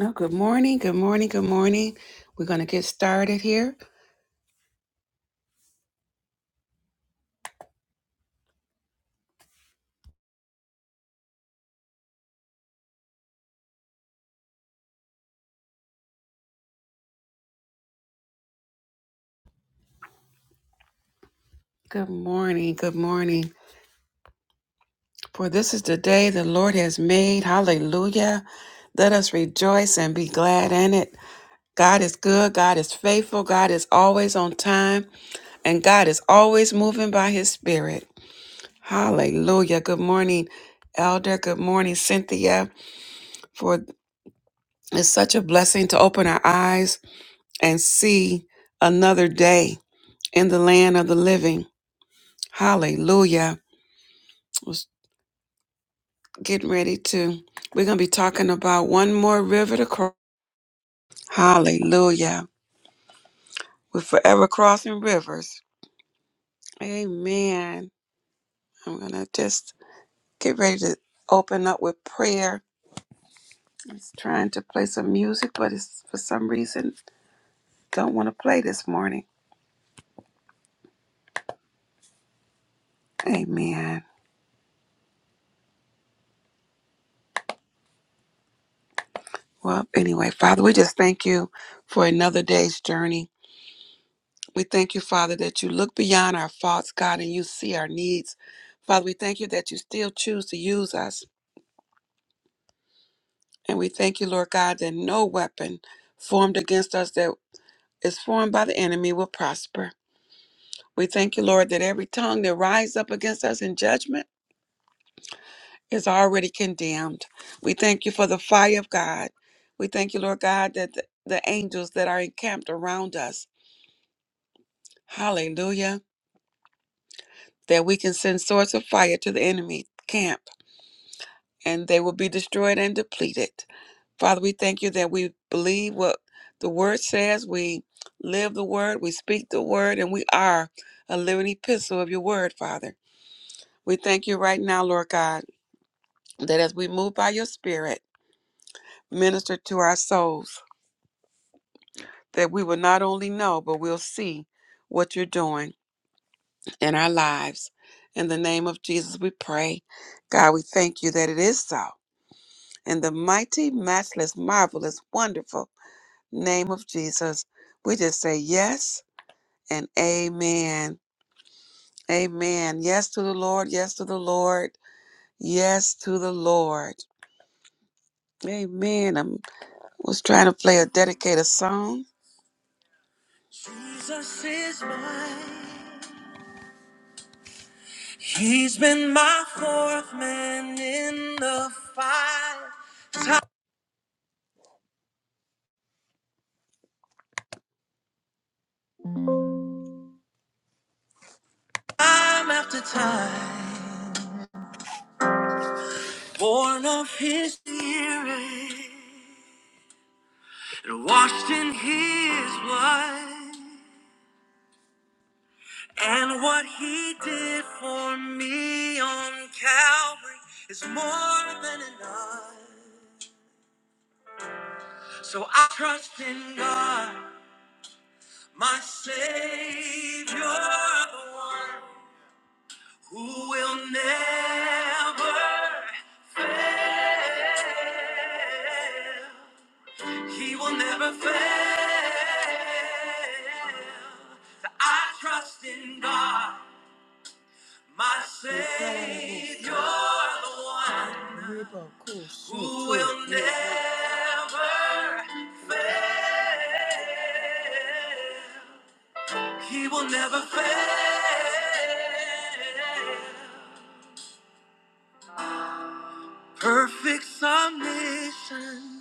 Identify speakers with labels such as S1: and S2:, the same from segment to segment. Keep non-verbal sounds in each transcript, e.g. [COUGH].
S1: Oh, good morning, good morning, good morning. We're going to get started here. Good morning, good morning. For this is the day the Lord has made. Hallelujah. Let us rejoice and be glad in it. God is good, God is faithful, God is always on time, and God is always moving by his spirit. Hallelujah. Good morning, Elder. Good morning, Cynthia. For it's such a blessing to open our eyes and see another day in the land of the living. Hallelujah. Was getting ready to. We're going to be talking about one more river to cross. Hallelujah. We're forever crossing rivers. Amen. I'm going to just get ready to open up with prayer. I was trying to play some music, but it's for some reason don't want to play this morning. Amen. Well, anyway, Father, we just thank you for another day's journey. We thank you, Father, that you look beyond our faults, God, and you see our needs. Father, we thank you that you still choose to use us. And we thank you, Lord God, that no weapon formed against us that is formed by the enemy will prosper. We thank you, Lord, that every tongue that rises up against us in judgment is already condemned. We thank you for the fire of God. We thank you, Lord God, that the, the angels that are encamped around us, hallelujah, that we can send swords of fire to the enemy camp and they will be destroyed and depleted. Father, we thank you that we believe what the word says, we live the word, we speak the word, and we are a living epistle of your word, Father. We thank you right now, Lord God, that as we move by your spirit, minister to our souls, that we will not only know, but we'll see what you're doing in our lives. In the name of Jesus, we pray. God, we thank you that it is so. In the mighty, matchless, marvelous, wonderful, name of Jesus. We just say yes and amen. Amen. Yes to the Lord. Yes to the Lord. Yes to the Lord. Amen. I was trying to play a dedicated song. Jesus is mine. He's been my fourth man in the fight. Time after time. Born of his spirit and washed in his blood. And what he did for me on Calvary is more than enough. So I trust in God, my Savior, the one who will never, he will never fail. I trust in God, my Savior. who will never fail. He will never fail. Perfect submission,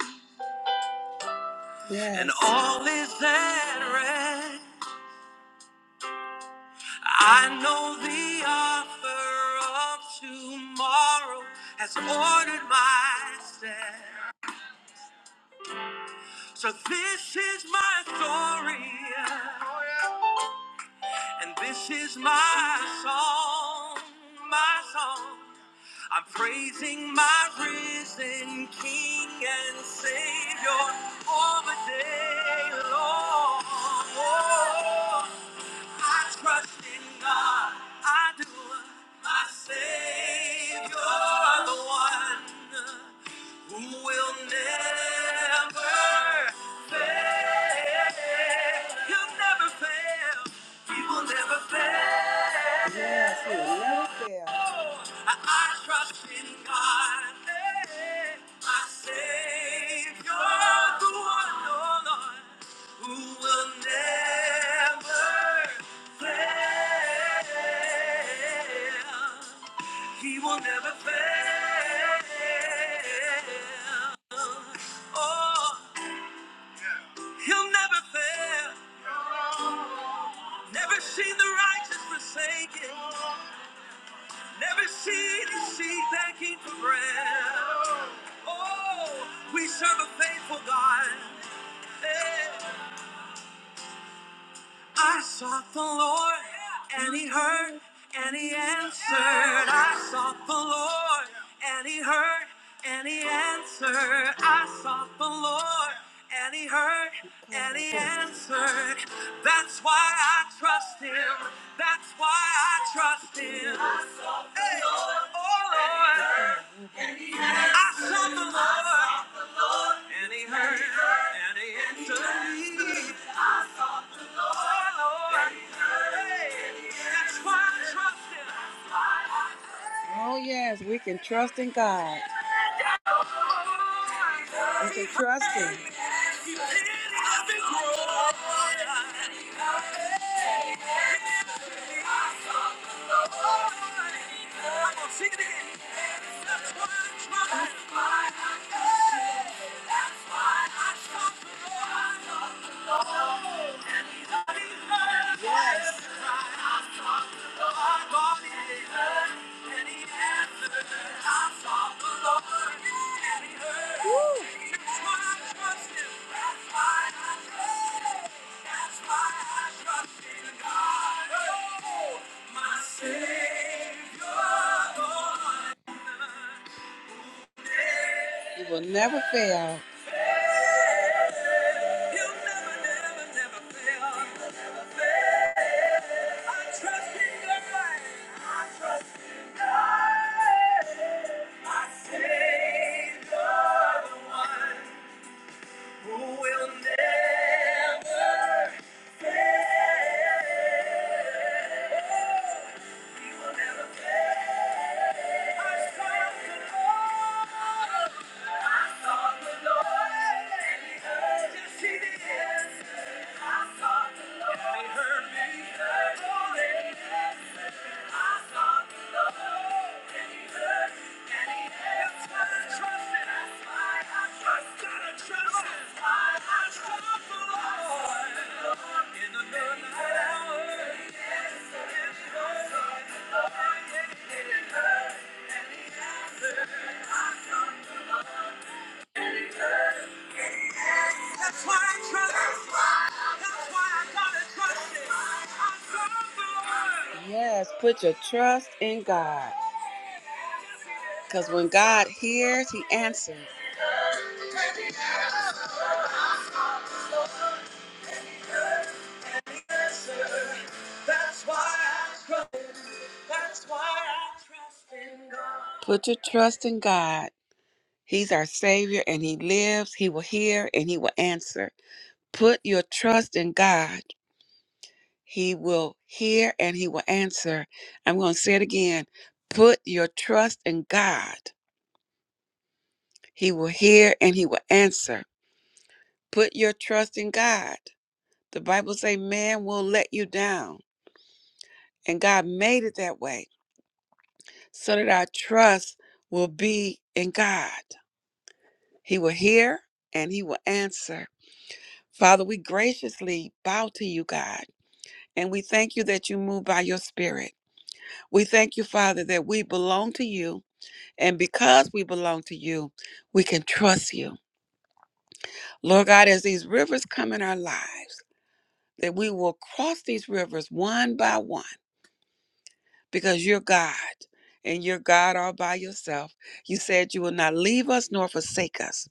S1: Yes. and Yes. all is at rest. I know the offer of tomorrow has ordered my steps. So this is my story. And this is my song, my song. I'm praising my risen King and Savior all the day long. Oh, I trust in God, I do. My Savior, the one who will never fail. He'll never fail. He will never fail. I, I trust in God, eh, my Savior, the one, oh Lord, who will never fail. He will never fail. Oh. He'll never fail. Never seen the righteous forsaken. Never seen his seed begging for bread. Oh, we serve a faithful God. Hey. I sought the Lord, and He heard, and He answered. I sought the Lord, and He heard, and He answered. I sought the Lord, and He heard, and He answered. That's why I trust Him. That's why I trust Him. Hey, oh Lord, I sought the Lord, and He heard, and He answered. me. Oh, yes, we can trust in God. And to trust Him. Sing it again. That's why I trust Yes. You will never fail. I trust in your I trust in God, my Savior, the one who will never fail. Trust the Lord in the midnight hour. That's why I trust Him. That's why I gotta trust Him. I serve the Lord. Yes, put your trust in God. Because when God hears, He answers. That's why I trust Him. That's why I trust in God. Put your trust in God. He's our Savior and He lives. He will hear and He will answer. Put your trust in God. He will hear and he will answer. I'm going to say it again. Put your trust in God. He will hear and he will answer. Put your trust in God. The Bible say man will let you down, and God made it that way so that our trust will be in God. He will hear and he will answer. Father, we graciously bow to you, God, and we thank you that you move by your spirit. We thank you, Father, that we belong to you And because we belong to you, we can trust you. Lord God, as these rivers come in our lives, that we will cross these rivers one by one because you're God and you're God all by yourself. You said you will not leave us nor forsake us.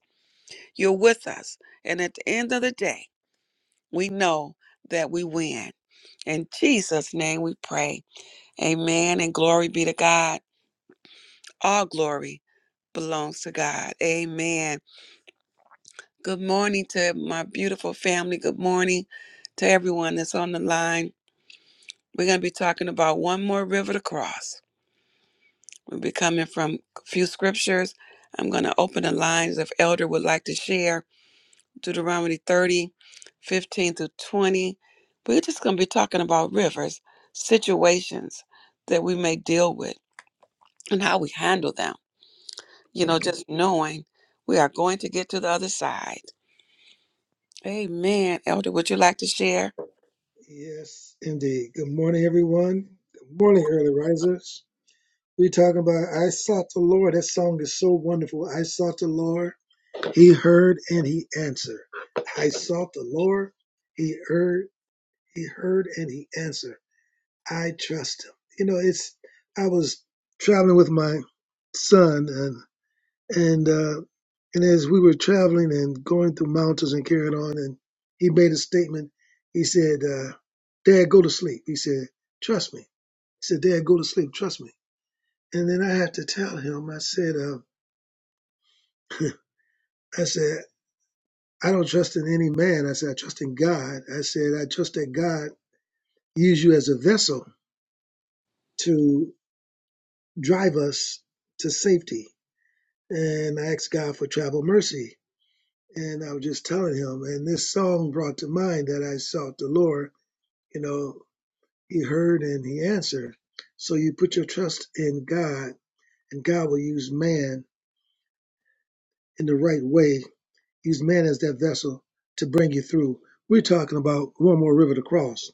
S1: You're with us. And at the end of the day, we know that we win. In Jesus' name we pray. Amen. And glory be to God. All glory belongs to God. Amen. Good morning to my beautiful family. Good morning to everyone that's on the line. We're going to be talking about one more river to cross. We'll be coming from a few scriptures. I'm going to open the lines if Elder would like to share Deuteronomy 30, 15 through 20. We're just going to be talking about rivers, situations that we may deal with, and how we handle them. You know, just knowing we are going to get to the other side. Amen. Elder, would you like to share?
S2: Yes, indeed. Good morning, everyone. Good morning, early risers. We're talking about I sought the Lord. That song is so wonderful. I sought the Lord. He heard and he answered. I sought the Lord. He heard, he heard and he answered. I trust him. You know, it's I was traveling with my son and. And uh, and as we were traveling and going through mountains and carrying on, and he made a statement. He said, uh, "Dad, go to sleep." He said, "Trust me." He said, "Dad, go to sleep. Trust me." And then I had to tell him. I said, uh, [LAUGHS] "I said I don't trust in any man. I said I trust in God. I said I trust that God use you as a vessel to drive us to safety." And I asked God for travel mercy And I was just telling him, and this song brought to mind that I sought the Lord. You know, He heard and He answered. So you put your trust in God, and God will use man in the right way, use man as that vessel to bring you through. We're talking about one more river to cross.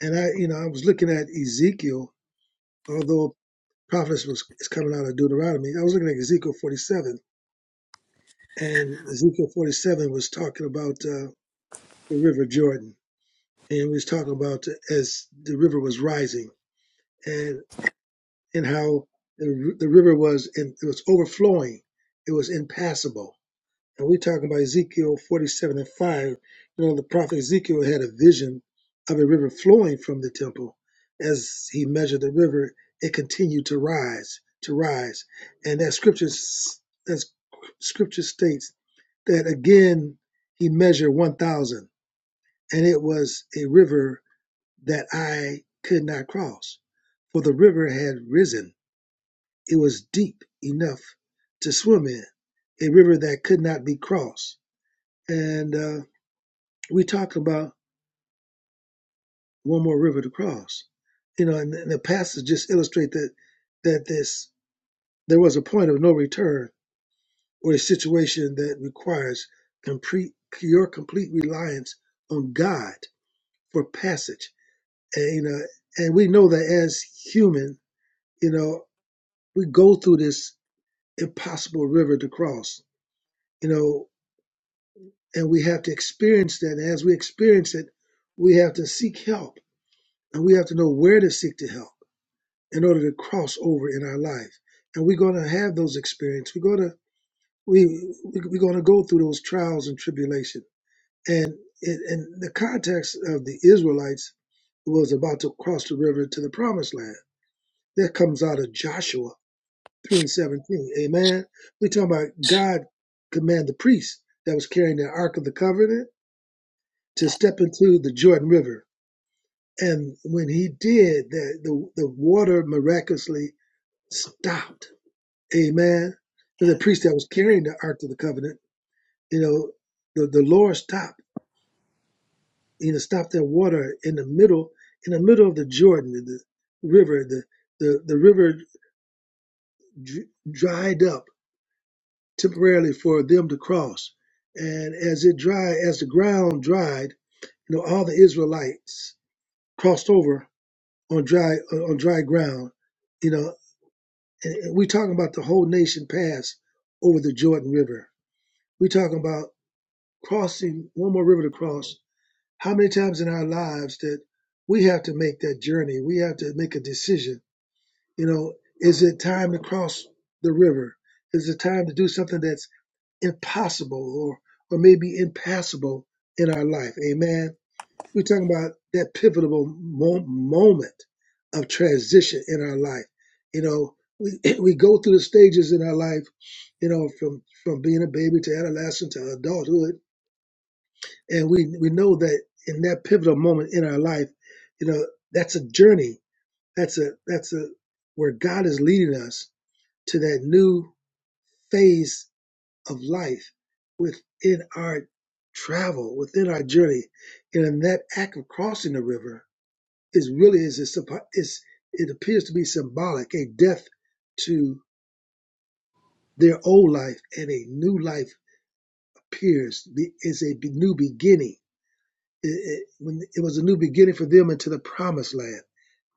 S2: And I, you know, I was looking at Ezekiel, although prophetess was is coming out of Deuteronomy. I was looking at Ezekiel 47, and Ezekiel 47 was talking about uh, the River Jordan and we was talking about as the river was rising and and how the, the river was in, it was overflowing it was impassable and we're talking about ezekiel 47 and 5 you know the prophet ezekiel had a vision of a river flowing from the temple as he measured the river it continued to rise to rise and that scripture s- that scripture states that again he measured 1000 and it was a river that I could not cross, for the river had risen. It was deep enough to swim in, a river that could not be crossed. And uh, we talked about one more river to cross, you know, and, and the passage just illustrate that that this there was a point of no return or a situation that requires complete your complete reliance on God for passage. And you know, and we know that as human, you know. we go through this impossible river to cross, you know, and we have to experience that. And as we experience it, we have to seek help and we have to know where to seek the help in order to cross over in our life. And we're going to have those experiences. We're going to, we, we, we're going to go through those trials and tribulation. And in, in the context of the Israelites was about to cross the river to the promised land. That comes out of Joshua 3 and 17. Amen. We're talking about God command the priest that was carrying the Ark of the Covenant to step into the Jordan River. And when he did, the, the, the water miraculously stopped. Amen. And the priest that was carrying the Ark of the Covenant, you know, the, the Lord stopped, you know, stopped that water in the middle, in the middle of the Jordan, the river, the, the, the river dr- dried up temporarily for them to cross. And as it dried, as the ground dried, you know, all the Israelites crossed over on dry on dry ground. You know, and and we talking about the whole nation passed over the Jordan River. We talking about crossing one more river to cross. How many times in our lives that we have to make that journey? We have to make a decision. You know, is it time to cross the river? Is it time to do something that's impossible or or maybe impassable in our life. Amen. We're talking about that pivotal mo- moment of transition in our life. You know, we [CLEARS THROAT] we go through the stages in our life. You know, from from being a baby to adolescent to adulthood, and we we know that in that pivotal moment in our life, you know, that's a journey. That's a that's a where God is leading us to that new phase of life within our travel, within our journey. And in that act of crossing the river is really is a, symbo- is it appears to be symbolic, a death to their old life and a new life appears be- is a be- new beginning. It, it, when it was a new beginning for them into the promised land.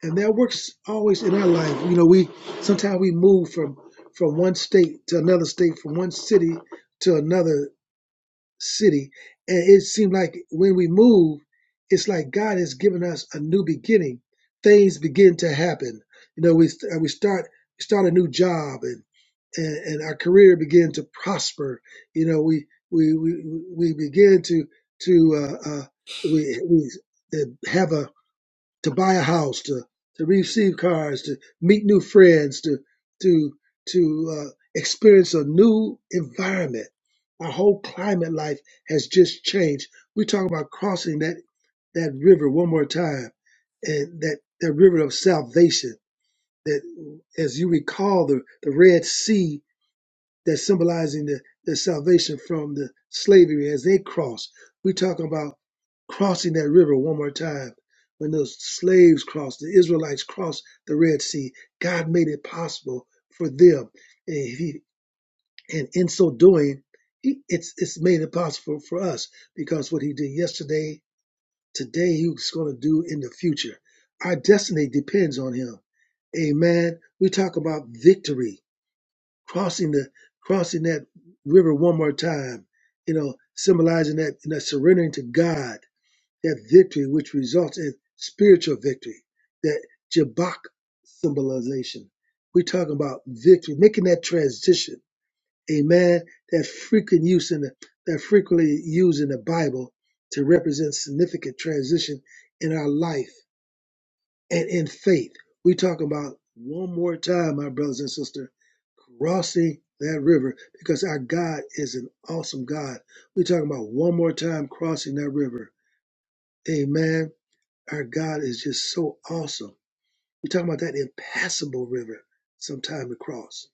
S2: And that works always in our life. You know, we sometimes we move from from one state to another state, from one city to another city. And it seemed like when we move, it's like God has given us a new beginning. Things begin to happen. You know, we uh, we start start a new job, and and, and our career begin to prosper. You know, we we we, we begin to to uh, uh, we we have a to buy a house, to to receive cars, to meet new friends, to to to uh, experience a new environment. Our whole climate life has just changed. We talk about crossing that that river one more time, and that that river of salvation. That as you recall the the Red Sea that symbolizing the, the salvation from the slavery as they cross. We're talking about crossing that river one more time. When those slaves crossed, the Israelites crossed the Red Sea, God made it possible for them. And, he, and in so doing, he, it's, it's made it possible for us because what he did yesterday, today, he's going to do in the future. Our destiny depends on him. Amen. We talk about victory crossing the crossing that river one more time, you know, symbolizing that you know, surrendering to God, that victory which results in spiritual victory, that Jabbok symbolization. We're talking about victory, making that transition. Amen. That frequent use in the that frequently used in the Bible to represent significant transition in our life and in faith. We talk about one more time, my brothers and sisters, crossing that river because our God is an awesome God. We talking about one more time crossing that river. Amen. Our God is just so awesome. We're talking about that impassable river sometime to cross.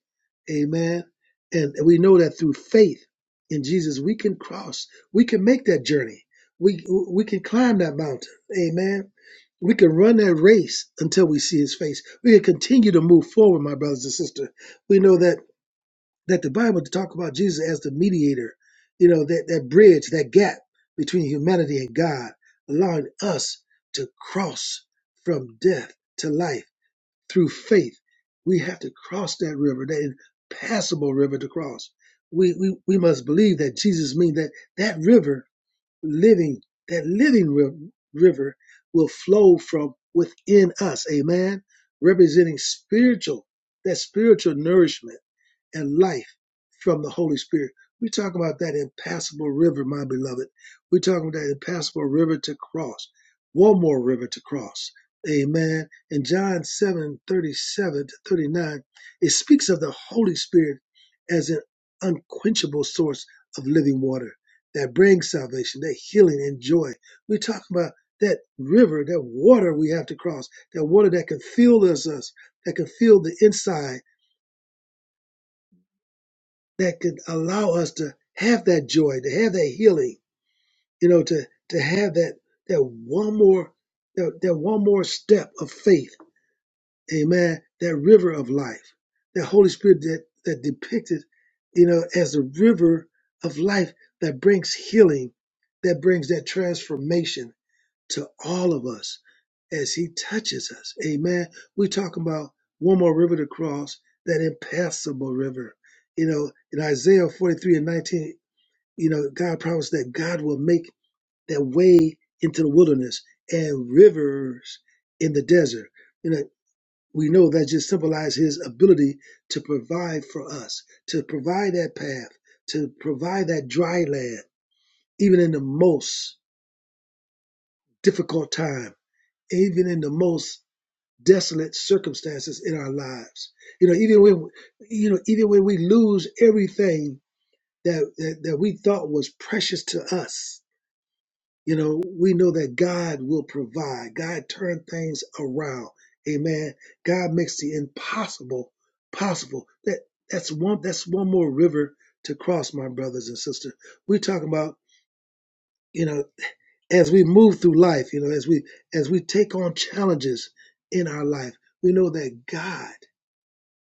S2: Amen. And we know that through faith in Jesus, we can cross, we can make that journey. We we can climb that mountain. Amen. We can run that race until we see his face. We can continue to move forward, my brothers and sisters. We know that that the Bible to talk about Jesus as the mediator, you know, that, that bridge, that gap between humanity and God, allowing us to cross from death to life through faith. We have to cross that river, that impassable river to cross. We, we, we must believe that Jesus means that that river, living, that living ri- river will flow from within us. Amen. Representing spiritual, that spiritual nourishment and life from the Holy Spirit. We talk about that impassable river, my beloved. We talk about that impassable river to cross. One more river to cross. Amen. In John 7 37 to 39, it speaks of the Holy Spirit as an unquenchable source of living water that brings salvation, that healing and joy. We talk about that river, that water we have to cross, that water that can fill us, us that can fill the inside that could allow us to have that joy, to have that healing, you know, to to have that that one more that, that one more step of faith, amen, that river of life, that Holy Spirit that, that depicted, you know, as the river of life that brings healing, that brings that transformation to all of us as he touches us. Amen. We're talking about one more river to cross, that impassable river. You know, in Isaiah 43 and 19, you know, God promised that God will make that way into the wilderness and rivers in the desert. You know, we know that just symbolizes his ability to provide for us, to provide that path, to provide that dry land, even in the most difficult time, even in the most desolate circumstances in our lives. You know, even when you know, even when we lose everything that, that that we thought was precious to us, you know, we know that God will provide. God turn things around. Amen. God makes the impossible possible. That that's one that's one more river to cross, my brothers and sisters. We're talking about, you know, as we move through life, you know, as we as we take on challenges in our life, we know that God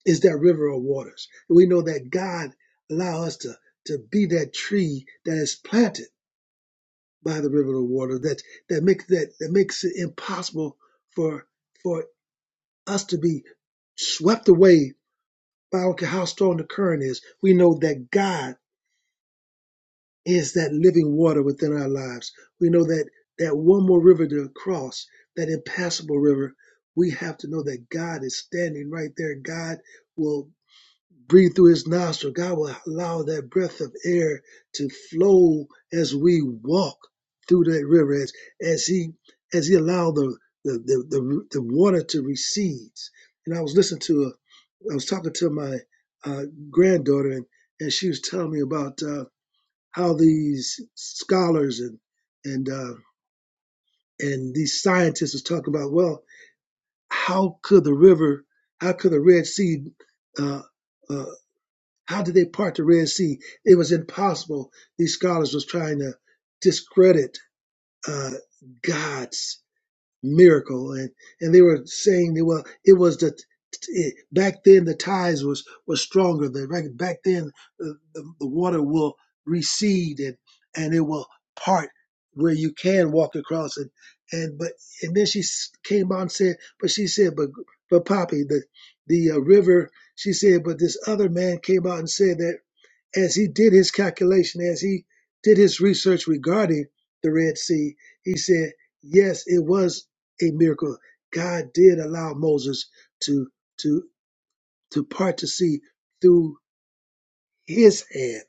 S2: is that river of waters. And we know that God allow us to, to be that tree that is planted by the river of water that that makes that that makes it impossible for for us to be swept away by I don't care how strong the current is. We know that God is that living water within our lives. We know that that one more river to cross, that impassable river, we have to know that God is standing right there. God will breathe through his nostril. God will allow that breath of air to flow as we walk through that river, as, as he as he allowed the the, the the the water to recede. And I was listening to a, I was talking to my uh, granddaughter, and, and she was telling me about uh, how these scholars and and uh, and these scientists was talking about, well, how could the river, how could the Red Sea uh, uh, how did they part the Red Sea? It was impossible. These scholars was trying to discredit uh, God's miracle, and and they were saying that well, it was the it, back then the tides was was stronger. The back back then the, the, the water will recede and and it will part where you can walk across it. And but and then she s- came out and said, but she said, but but Poppy, the the uh, river. She said, but this other man came out and said that as he did his calculation, as he did his research regarding the Red Sea, he said, yes, it was a miracle. God did allow Moses to to to part the sea through his hand,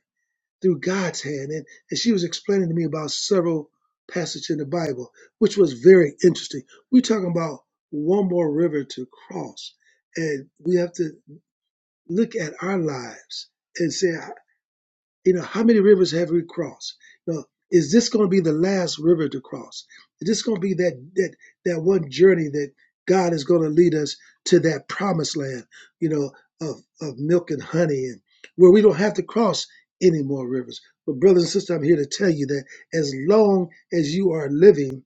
S2: through God's hand. And, and she was explaining to me about several passages in the Bible, which was very interesting. We're talking about one more river to cross. And we have to look at our lives and say, You know, how many rivers have we crossed? You know, is this going to be the last river to cross? Is this going to be that that that one journey that God is going to lead us to that promised land? You know, of of milk and honey, and where we don't have to cross any more rivers. But brothers and sisters, I'm here to tell you that as long as you are living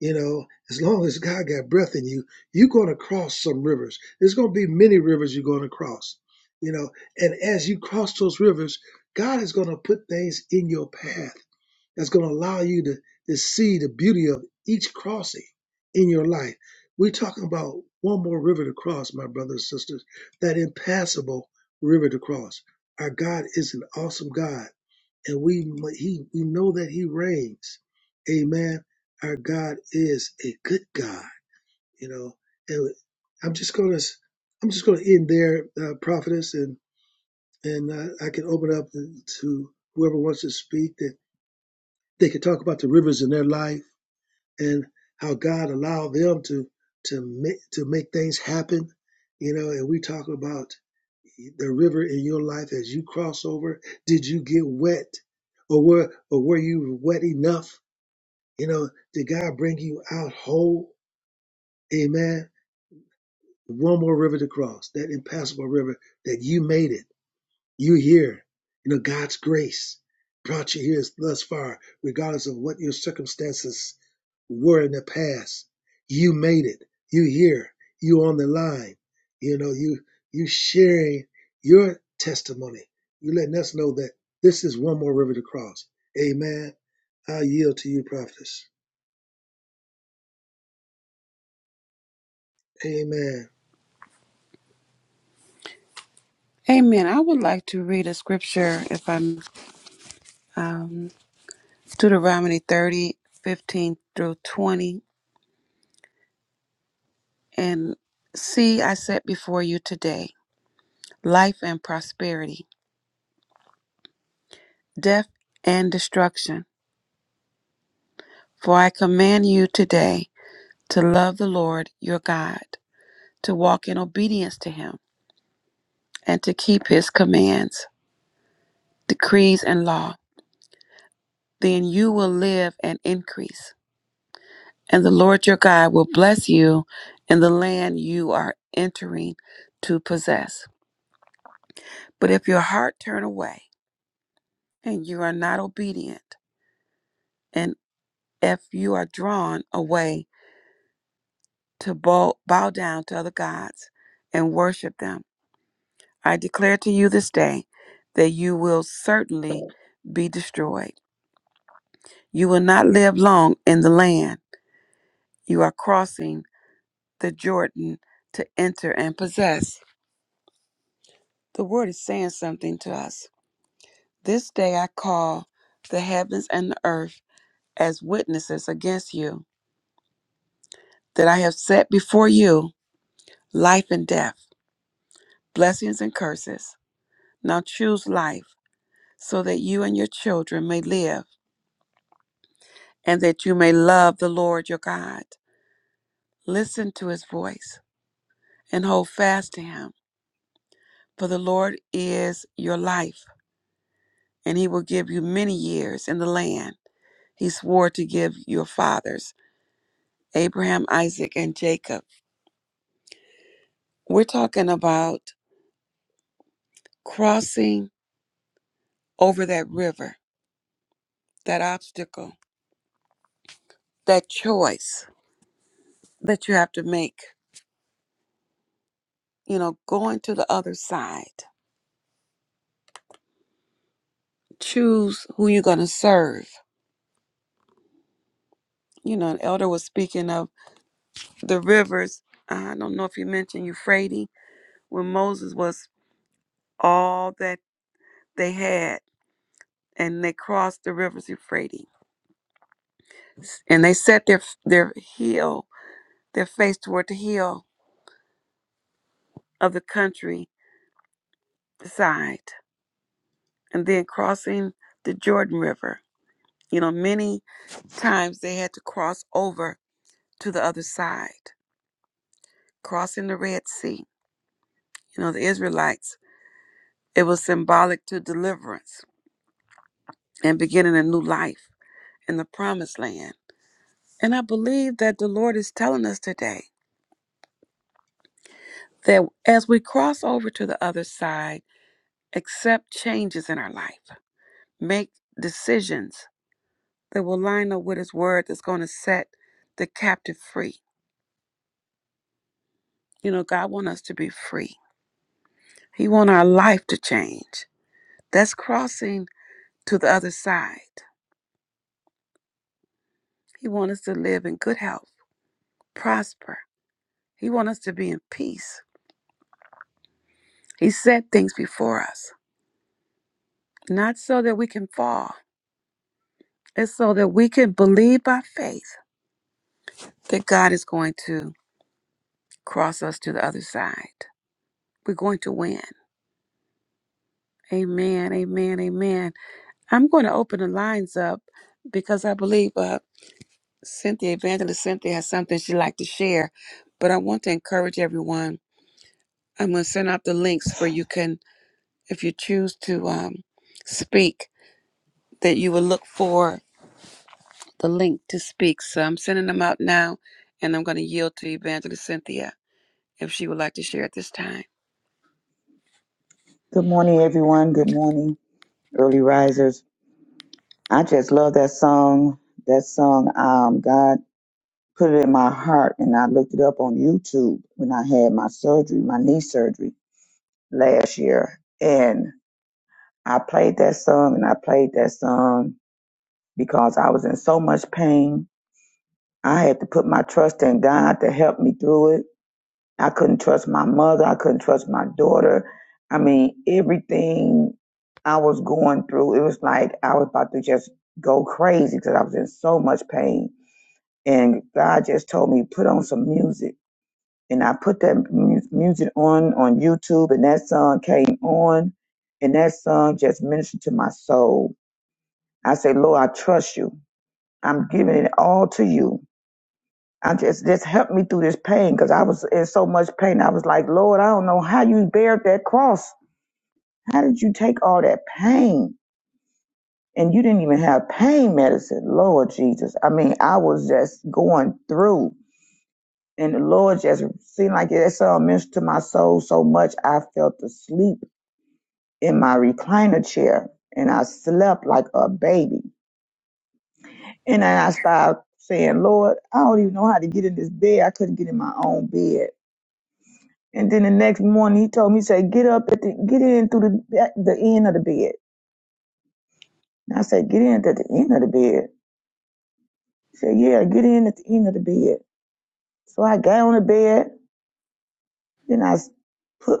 S2: you know, as long as God got breath in you, you're going to cross some rivers. There's going to be many rivers you're going to cross. You know, and as you cross those rivers, God is going to put things in your path that's going to allow you to, to see the beauty of each crossing in your life. We're talking about one more river to cross, my brothers and sisters, that impassable river to cross. Our God is an awesome God and we he we know that he reigns. Amen. Our God is a good God, you know. And I'm just gonna I'm just gonna end there, uh, prophetess, and and uh, I can open up to whoever wants to speak that they can talk about the rivers in their life and how God allowed them to to make to make things happen, you know. And we talk about the river in your life as you cross over? Did you get wet? Or were or were you wet enough? You know, did God bring you out whole? Amen. One more river to cross, that impassable river that you made it. You're here. You know, God's grace brought you here thus far, regardless of what your circumstances were in the past. You made it. You here. You on the line. You know, you you sharing your testimony. You letting us know that this is one more river to cross. Amen. I yield to you, prophetess. Amen.
S1: Amen. I would like to read a scripture, if I'm um, Deuteronomy 30, 15 through 20. And see, I set before you today life and prosperity, death and destruction. For I command you today to love the Lord your God, to walk in obedience to him, and to keep his commands, decrees, and law. Then you will live and increase And the Lord your God will bless you in the land you are entering to possess. But if your heart turn away and you are not obedient, and if you are drawn away to bow, bow down to other gods and worship them, I declare to you this day that you will certainly be destroyed. You will not live long in the land you are crossing the Jordan to enter and possess. The word is saying something to us This day I call the heavens and the earth as witnesses against you, that I have set before you life and death, blessings and curses. Now choose life, so that you and your children may live, and that you may love the Lord your God. Listen to his voice and hold fast to him, for the Lord is your life, and he will give you many years in the land he swore to give your fathers, Abraham, Isaac, and Jacob. We're talking about crossing over that river, that obstacle, that choice that you have to make. You know, going to the other side. Choose who you're going to serve. You know, an elder was speaking of the rivers. I don't know if you mentioned Euphrates when Moses was all that they had, and they crossed the rivers Euphrates, and they set their their heel, their face toward the hill of the country side and then crossing the Jordan River. You know, many times they had to cross over to the other side, crossing the Red Sea. You know, the Israelites, it was symbolic to deliverance and beginning a new life in the promised land. And I believe that the Lord is telling us today that as we cross over to the other side, accept changes in our life, make decisions that will line up with His word that's going to set the captive free You know, God wants us to be free. He wants our life to change. That's crossing to the other side. He wants us to live in good health, prosper. He wants us to be in peace. He set things before us, not so that we can fall. It's so that we can believe by faith that God is going to cross us to the other side. We're going to win. Amen. Amen. Amen. I'm going to open the lines up because I believe uh, Cynthia, Evangelist Cynthia has something she'd like to share, but I want to encourage everyone. I'm going to send out the links where you can, if you choose to um, speak, that you will look for the link to speak. So I'm sending them out now, and I'm going to yield to Evangelist Cynthia if she would like to share at this time.
S3: Good morning, everyone. Good morning, early risers. I just love that song. That song, um, God put it in my heart, and I looked it up on YouTube when I had my surgery, my knee surgery last year. And I played that song, and I played that song because I was in so much pain. I had to put my trust in God to help me through it I couldn't trust my mother. I couldn't trust my daughter. I mean, everything I was going through, it was like I was about to just go crazy because I was in so much pain. And God just told me, put on some music. And I put that mu- music on on YouTube, and that song came on, and that song just ministered to my soul. I said, Lord, I trust you. I'm giving it all to you I just just help me through this pain because I was in so much pain. I was like, Lord, I don't know how you bared that cross. How did you take all that pain? And you didn't even have pain medicine, Lord Jesus. I mean, I was just going through, and the Lord just seemed like it so ministered to my soul so much. I felt asleep in my recliner chair, and I slept like a baby. And then I started saying, Lord, I don't even know how to get in this bed. I couldn't get in my own bed And then the next morning, he told me, he said, get up at the, get in through the, at the end of the bed. And I said, get in at the end of the bed. He said, yeah, get in at the end of the bed. So I got on the bed. Then I put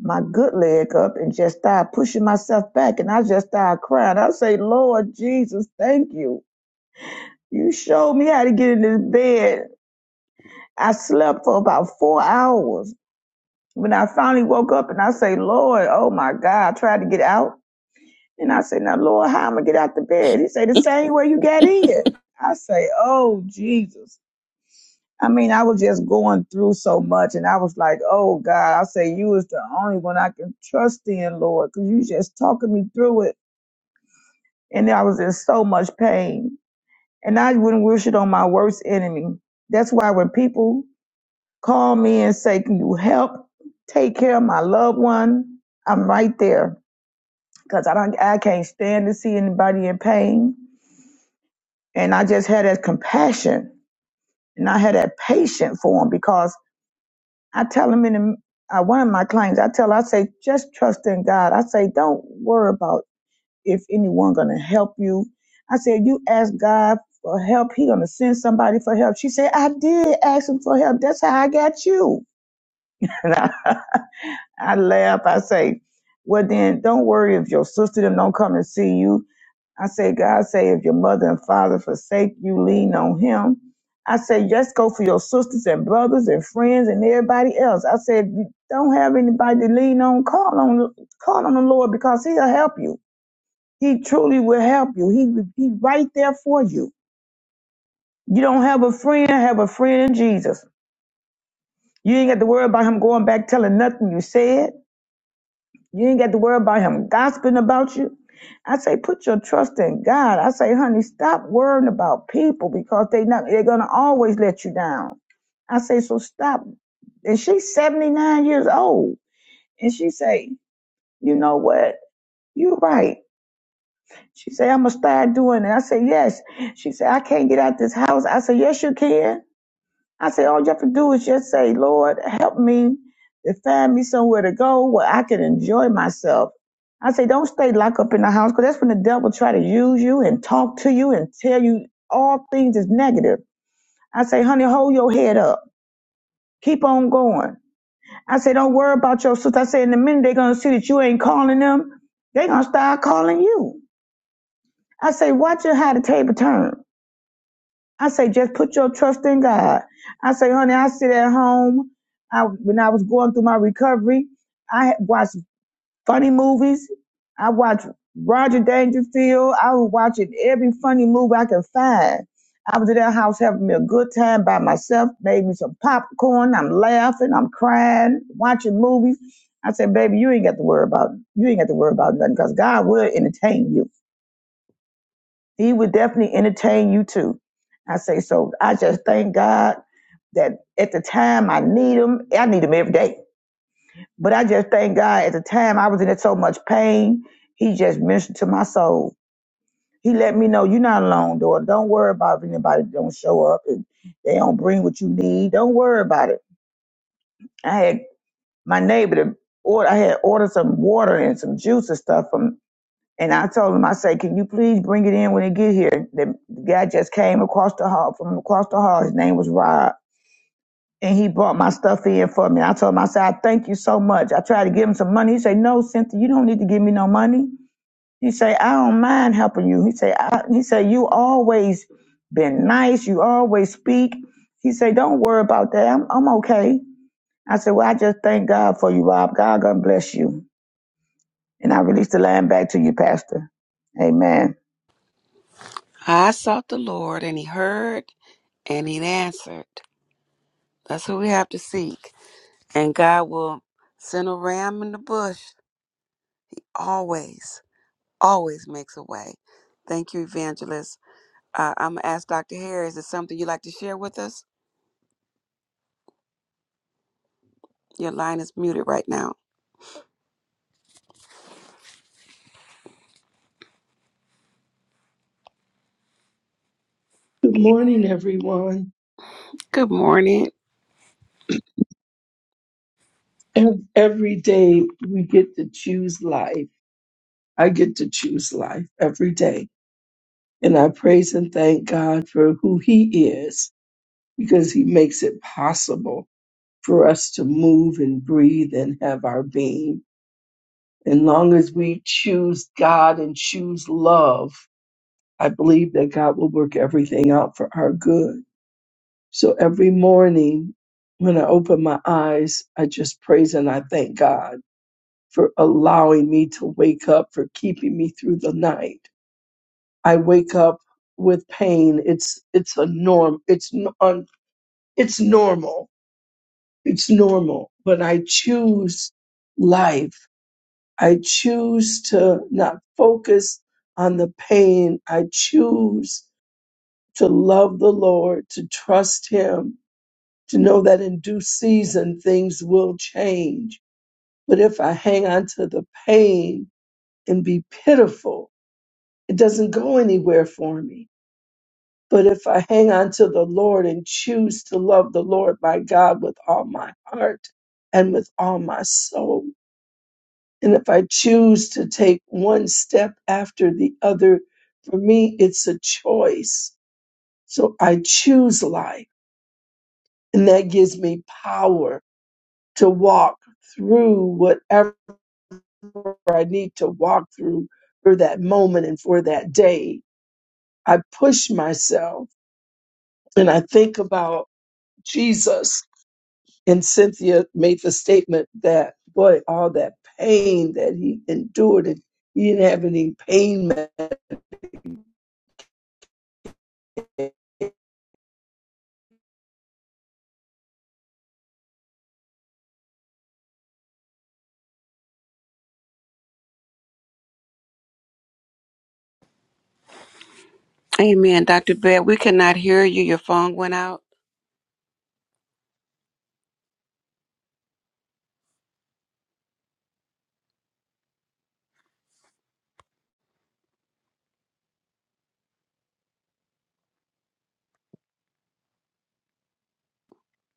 S3: my good leg up and just started pushing myself back. And I just started crying. I say, Lord Jesus, thank you. You showed me how to get in this bed. I slept for about four hours. When I finally woke up and I say, Lord, oh my God, I tried to get out. And I said, Now, Lord, how am I gonna get out the bed? He said, The same way you got in. I say, Oh, Jesus. I mean, I was just going through so much, and I was like, Oh, God. I say, You is the only one I can trust in, Lord, because you just talking me through it. And I was in so much pain. And I wouldn't wish it on my worst enemy. That's why when people call me and say, Can you help take care of my loved one? I'm right there because I, don't, I can't stand to see anybody in pain. And I just had that compassion and I had that patience for him because I tell him in the, uh, one of my clients, I tell, I say, just trust in God. I say, don't worry about if anyone going to help you. I said, you ask God for help. He going to send somebody for help. She said, I did ask him for help. That's how I got you. [LAUGHS] I laugh. I say, well, then don't worry if your sister them don't come and see you. I say, God say, if your mother and father forsake you, lean on him. I say, just go for your sisters and brothers and friends and everybody else. I said, you don't have anybody to lean on. Call on, call on the Lord because he'll help you. He truly will help you. He, he right there for you. You don't have a friend, have a friend in Jesus. You ain't got to worry about him going back telling nothing you said. You ain't got to worry about him gossiping about you. I say, put your trust in God. I say, honey, stop worrying about people because they not they're gonna always let you down. I say, so stop. And she's 79 years old. And she say, you know what? You're right. She say, I'm gonna start doing it. I say, yes. She say, I can't get out this house. I say, yes, you can. I said, all you have to do is just say, Lord, help me to find me somewhere to go where I can enjoy myself. I say, don't stay locked up in the house because that's when the devil try to use you and talk to you and tell you all things is negative. I say, honey, hold your head up. Keep on going. I say, don't worry about your sister. I say, in the minute they're going to see that you ain't calling them, they're going to start calling you. I say, watch your how the table turn. I say, just put your trust in God. I say, honey, I sit at home. I, when I was going through my recovery, I had watched funny movies. I watched Roger Dangerfield. I was watching every funny movie I could find. I was in that house having me a good time by myself, made me some popcorn. I'm laughing, I'm crying, watching movies. I said, baby, you ain't got to worry about you ain't got to worry about nothing because God will entertain you. He would definitely entertain you too. I say, so I just thank God that at the time I need him, I need him every day. But I just thank God at the time I was in so much pain, he just ministered to my soul. He let me know you're not alone, daughter. Don't worry about if anybody don't show up and they don't bring what you need. Don't worry about it. I had my neighbor to order I had ordered some water and some juice and stuff from And I told him, I said, can you please bring it in when it get here? The guy just came across the hall from across the hall. His name was Rob. And he brought my stuff in for me. I told him, I said, I thank you so much. I tried to give him some money. He said, no, Cynthia, you don't need to give me no money. He said, I don't mind helping you. He said, I, he said, you always been nice. You always speak. He said, don't worry about that. I'm, I'm okay. I said, well, I just thank God for you, Rob. God gonna bless you. And I release the line back to you, Pastor. Amen.
S1: I sought the Lord, and He heard, and He answered. That's who we have to seek, and God will send a ram in the bush always. always makes a way. Thank you, Evangelist. Uh, I'm going to ask Dr. Harris, is there something you'd like to share with us? Your line is muted right now.
S4: Good morning, everyone.
S1: Good morning.
S4: Ev- Every day we get to choose life. I get to choose life every day. And I praise and thank God for who He is because He makes it possible for us to move and breathe and have our being. And long as we choose God and choose love, I believe that God will work everything out for our good. So every morning when I open my eyes, I just praise and I thank God for allowing me to wake up, for keeping me through the night. I wake up with pain. It's it's a norm. It's n- un, it's normal. It's normal. But I choose life. I choose to not focus on the pain. I choose to love the Lord, to trust Him, to know that in due season things will change. But if I hang on to the pain and be pitiful, it doesn't go anywhere for me. But if I hang on to the Lord and choose to love the Lord my God with all my heart and with all my soul, and if I choose to take one step after the other, for me, it's a choice. So I choose life, and that gives me power to walk through whatever I need to walk through for that moment and for that day. I push myself and I think about Jesus. And Cynthia made the statement that, boy, all that pain that he endured, and he didn't have any pain med-
S1: Amen, Dr. Bab. We cannot hear you. Your phone went out.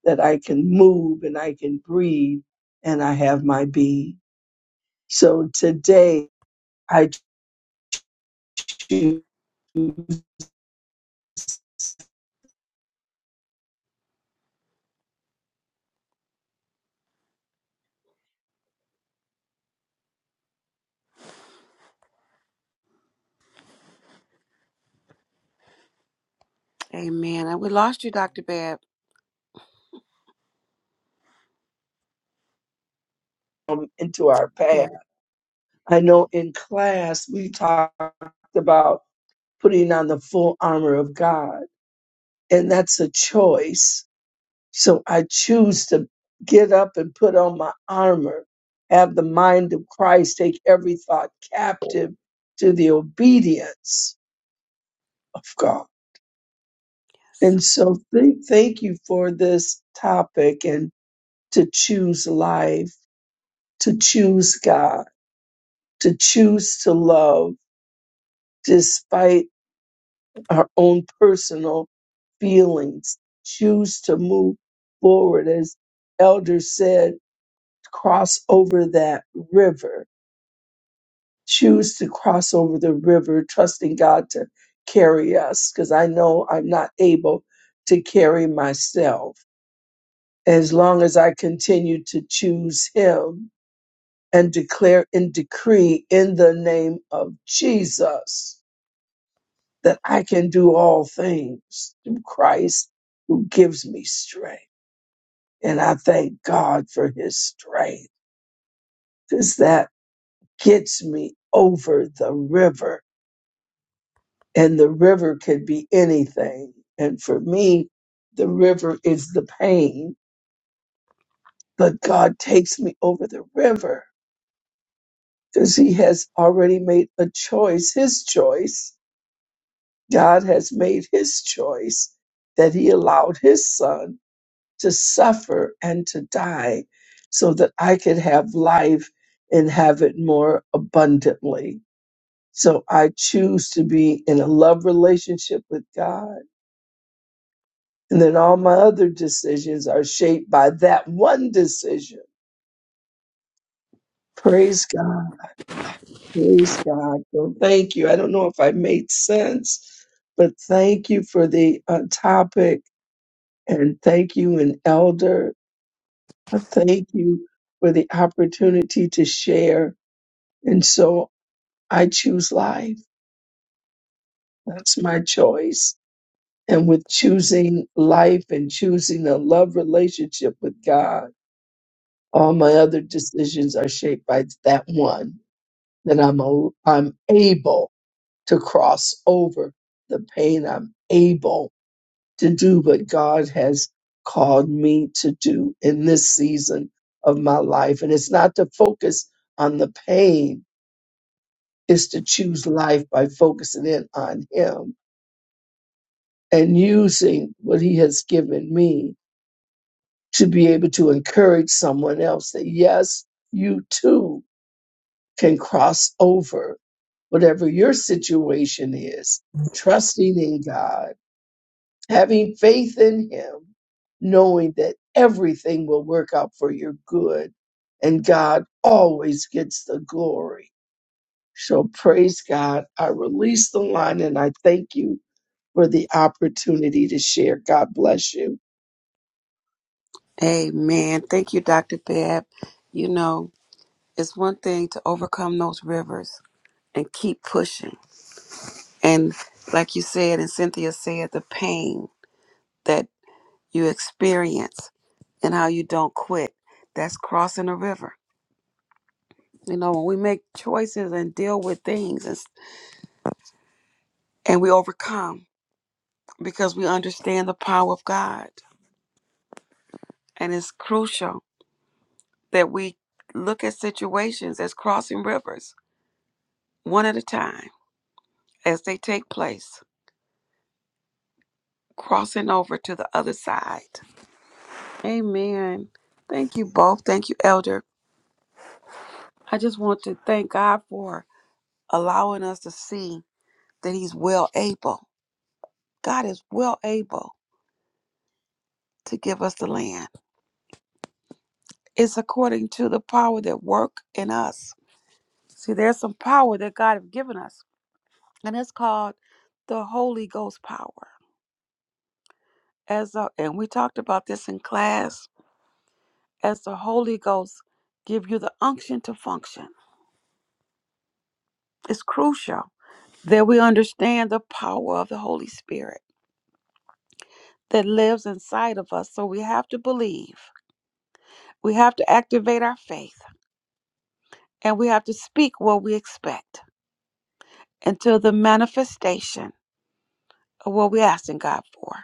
S4: that I can move and I can breathe and I have my being. So today I choose to
S1: Amen. And we lost you, Dr. Bab.
S4: come into our path. I know in class we talked about putting on the full armor of God, and that's a choice. So I choose to get up and put on my armor, have the mind of Christ, take every thought captive to the obedience of God.
S1: Yes.
S4: And so thank, thank you for this topic and to choose life, to choose God, to choose to love despite our own personal feelings, choose to move forward. As Elder said, cross over that river choose to cross over the river, trusting God to carry us, because I know I'm not able to carry myself. As long as I continue to choose Him and declare and decree in the name of Jesus that I can do all things through Christ who gives me strength. And I thank God for His strength, because that gets me over the river and the river could be anything. And for me, the river is the pain, but God takes me over the river because He has already made a choice, His choice. God has made His choice that He allowed His Son to suffer and to die so that I could have life and have it more abundantly. So I choose to be in a love relationship with God. And then all my other decisions are shaped by that one decision. Praise God. Praise God. Well, thank you. I don't know if I made sense, but thank you for the uh, topic and thank you, an elder. Uh, Thank you for the opportunity to share. And so I choose life. That's my choice. And with choosing life and choosing a love relationship with God All my other decisions are shaped by that one. Then I'm a, I'm able to cross over the pain. I'm able to do what God has called me to do in this season of my life. And it's not to focus on the pain. It's to choose life by focusing in on Him and using what He has given me to be able to encourage someone else that yes, you too can cross over whatever your situation is, trusting in God, having faith in Him, knowing that everything will work out for your good and God always gets the glory. So praise God. I release the line and I thank you for the opportunity to share. God bless you.
S1: Amen. Thank you, Dr. Bab. You know, it's one thing to overcome those rivers and keep pushing. And like you said, and Cynthia said, the pain that you experience and how you don't quit. That's crossing a river. You know, when we make choices and deal with things and, and we overcome because we understand the power of God. And it's crucial that we look at situations as crossing rivers one at a time as they take place, crossing over to the other side. Amen. Thank you both. Thank you, Elder. I just want to thank God for allowing us to see that He's well able. God is well able to give us the land. It's according to the power that work in us. See, there's some power that God has given us, and it's called the Holy Ghost power. As a, and we talked about this in class, as the Holy Ghost give you the unction to function. It's crucial that we understand the power of the Holy Spirit that lives inside of us. So we have to believe. We have to activate our faith and we have to speak what we expect until the manifestation what we're asking God for.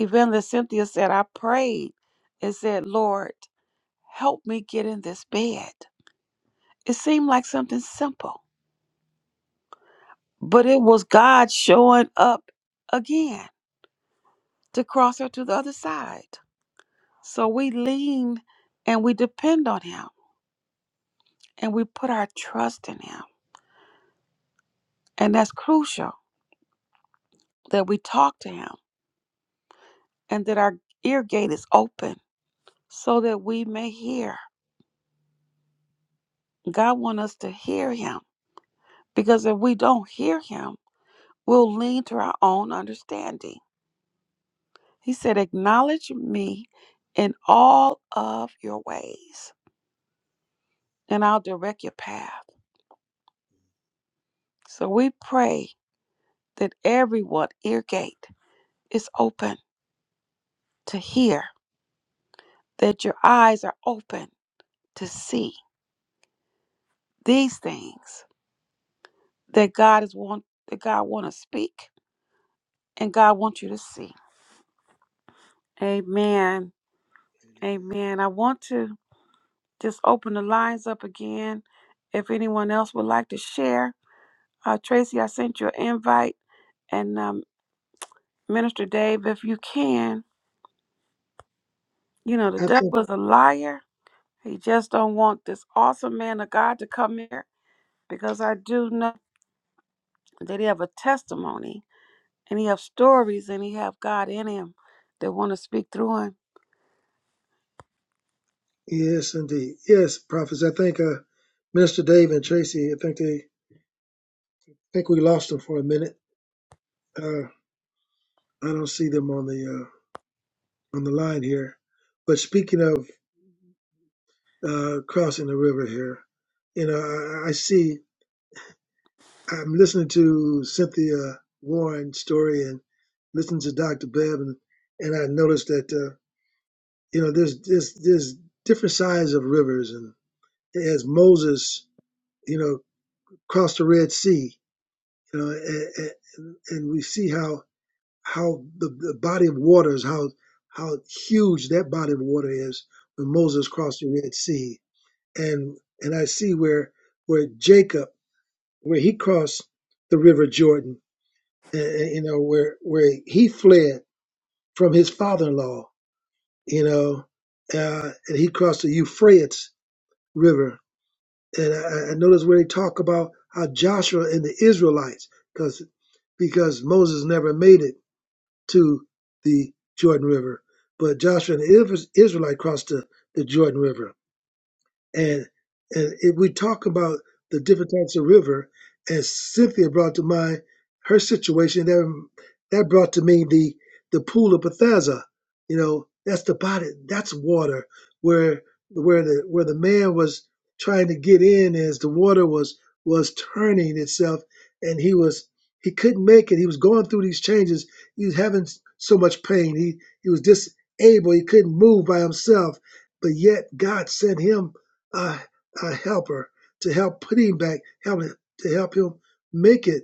S1: Evangelist Cynthia said, I prayed and said, Lord, help me get in this bed. It seemed like something simple, but it was God showing up again to cross her to the other side. So we lean and we depend on Him and we put our trust in Him. And that's crucial that we talk to Him and that our ear gate is open so that we may hear. God wants us to hear Him Because if we don't hear him, we'll lean to our own understanding. He said, Acknowledge me in all of your ways, and I'll direct your path. So we pray that everyone, ear gate, is open to hear, that your eyes are open to see these things that God is want that God want to speak and God wants you to see. Amen.
S2: Amen.
S1: Amen. I want to just open the lines up again if anyone else would like to share. Uh, Tracy, I sent you an invite. And um, Minister Dave, if you can, you know, the
S2: I think
S1: devil is a liar. He just don't want this awesome man of God to come here because I do know that he have a testimony and he have stories and he have God in him that want to speak through him.
S2: yes, indeed. Yes, prophets. I think uh, Minister Dave and Tracy. I think they. think we lost them for a minute. Uh, I don't see them on the uh, on the line here. But speaking of uh, crossing the river here, you know, I, I see. I'm listening to Cynthia Warren's story and listening to Dr. Bebb, and, and I noticed that uh, you know there's there's there's different sides of rivers, and as Moses, you know, crossed the Red Sea, you know, and, and, and we see how how the, the body of waters, how how huge that body of water is when Moses crossed the Red Sea, and and I see where where Jacob, where he crossed the River Jordan, and, and, you know where where he fled from his father-in-law, you know, uh, and he crossed the Euphrates River, and I, I notice where they talk about how Joshua and the Israelites, because because Moses never made it to the Jordan River, but Joshua and the Is- Israelite crossed the, the Jordan River. And and if we talk about the different types of river, and Cynthia brought to mind her situation, that that brought to me the the pool of Bethesda. You know, that's the body, that's water where where the where the man was trying to get in as the water was was turning itself, and he was he couldn't make it. He was going through these changes. He was having so much pain. He he was disable. He couldn't move by himself, but yet God sent him a, a helper to help put him back, help him, to help him make it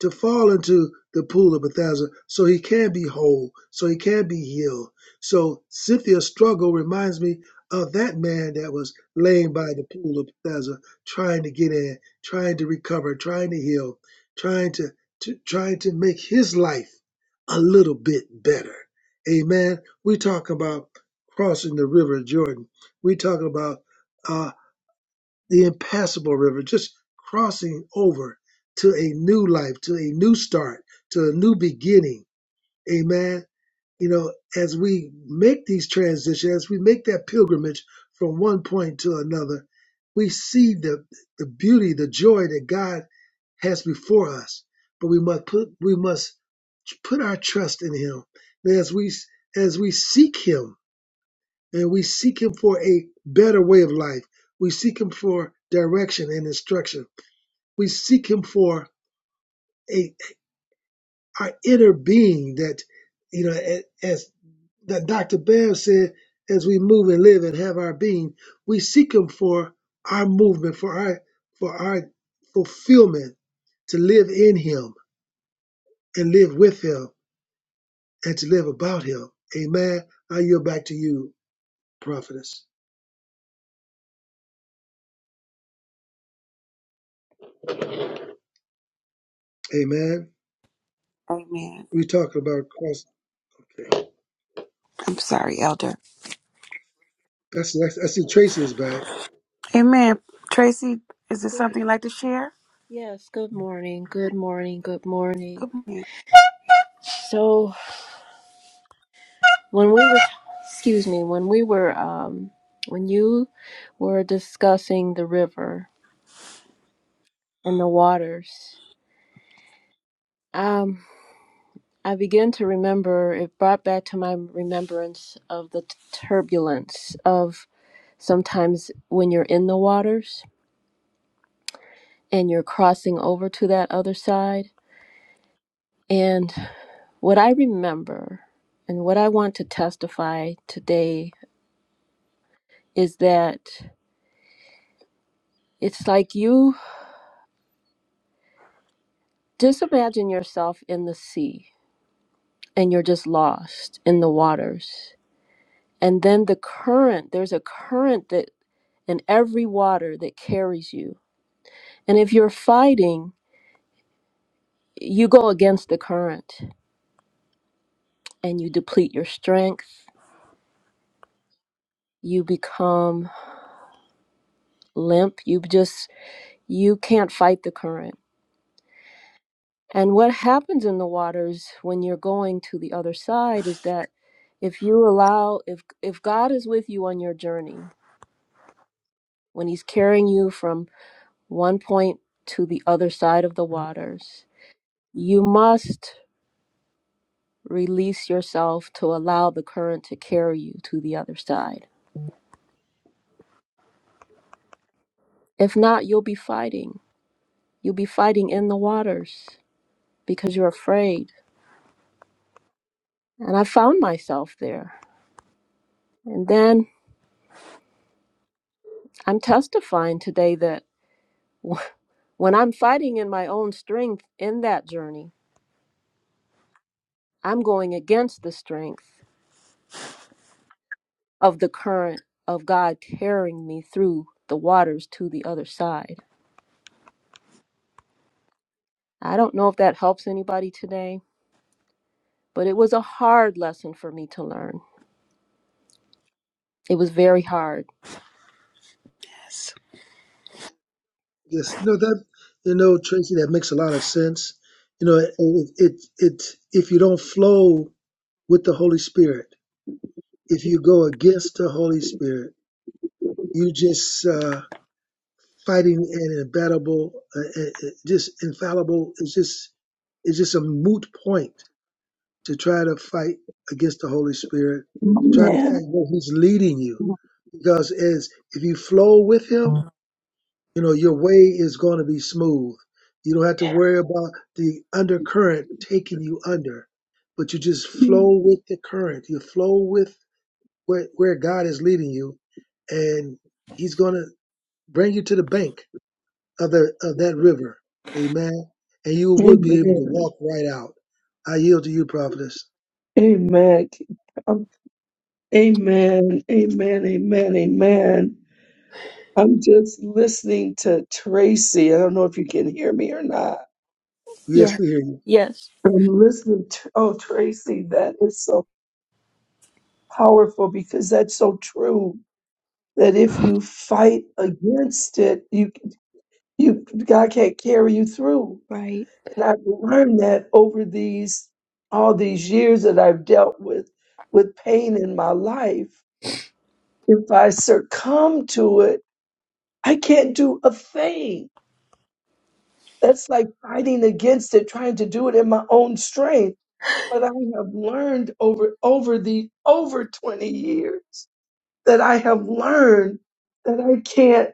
S2: to fall into the pool of Bethesda, so he can be whole, so he can be healed. So Cynthia's struggle reminds me of that man that was laying by the pool of Bethesda, trying to get in, trying to recover, trying to heal, trying to, to trying to make his life a little bit better. Amen. We talk about crossing the river Jordan. We talk about. uh, the impassable river, just crossing over to a new life, to a new start, to a new beginning. Amen. You know, as we make these transitions, as we make that pilgrimage from one point to another, we see the the beauty, the joy that God has before us. But we must put we must put our trust in Him. And as we as we seek Him, and we seek Him for a better way of life. We seek Him for direction and instruction. We seek Him for a our inner being that, you know, a- as that Dr. Bam said, as we move and live and have our being, we seek Him for our movement, for our for our fulfillment, to live in Him and live with Him and to live about Him. Amen. I yield back to you, prophetess. Amen.
S1: Amen.
S2: We talking about cross.
S1: I'm sorry, Elder.
S2: That's next. I see Tracy is back.
S1: Amen. Tracy, is there
S5: Good,
S1: something you'd like to share?
S5: yes, good morning. Good morning. Good morning.
S1: Good morning.
S5: So, when we were excuse me, when we were um when you were discussing the river and the waters, um I began to remember it brought back to my remembrance of the t- turbulence of sometimes when you're in the waters and you're crossing over to that other side and what I remember and what I want to testify today is that it's like you just imagine yourself in the sea and you're just lost in the waters. And then the current, there's a current that in every water that carries you. And if you're fighting, you go against the current and you deplete your strength. You become limp. You just, you can't fight the current And what happens in the waters when you're going to the other side is that if you allow if if God is with you on your journey, when he's carrying you from one point to the other side of the waters, you must release yourself to allow the current to carry you to the other side. If not, you'll be fighting. You'll be fighting in the waters because you're afraid. And I found myself there. And then I'm testifying today that [LAUGHS] When I'm fighting in my own strength in that journey, I'm going against the strength of the current of God carrying me through the waters to the other side. I don't know if that helps anybody today, but it was a hard lesson for me to learn. It was very hard.
S2: Yes, you know that. You know Tracy, that makes a lot of sense. You know, it it, it if you don't flow with the Holy Spirit, if you go against the Holy Spirit, you just uh, fighting an imbattable, uh, uh, uh, just infallible. It's just it's just a moot point to try to fight against the Holy Spirit, to try to
S4: Amen.
S2: fight where He's leading you, because as if you flow with Him you know your way is going to be smooth you don't have to worry about the undercurrent taking you under but you just
S4: Amen.
S2: flow with the current you flow with where, where god is leading you and he's going to bring you to the bank of, the, of that river amen and you will be able to
S4: Amen.
S2: walk right out i yield to you prophetess
S4: Amen. Amen. Amen. Amen. I'm just listening to Tracy. I don't know if you can hear me or not.
S5: Yeah.
S2: yes we hear you
S5: Yes.
S4: I'm listening to, oh, Tracy, that is so powerful because that's so true. That if you fight against it, you, you, God can't carry you through.
S5: Right.
S4: And I've learned that over these, all these years that I've dealt with, with pain in my life. If I succumb to it, I can't do a thing That's like fighting against it, trying to do it in my own strength. But I have learned over over the over 20 years that I have learned that I can't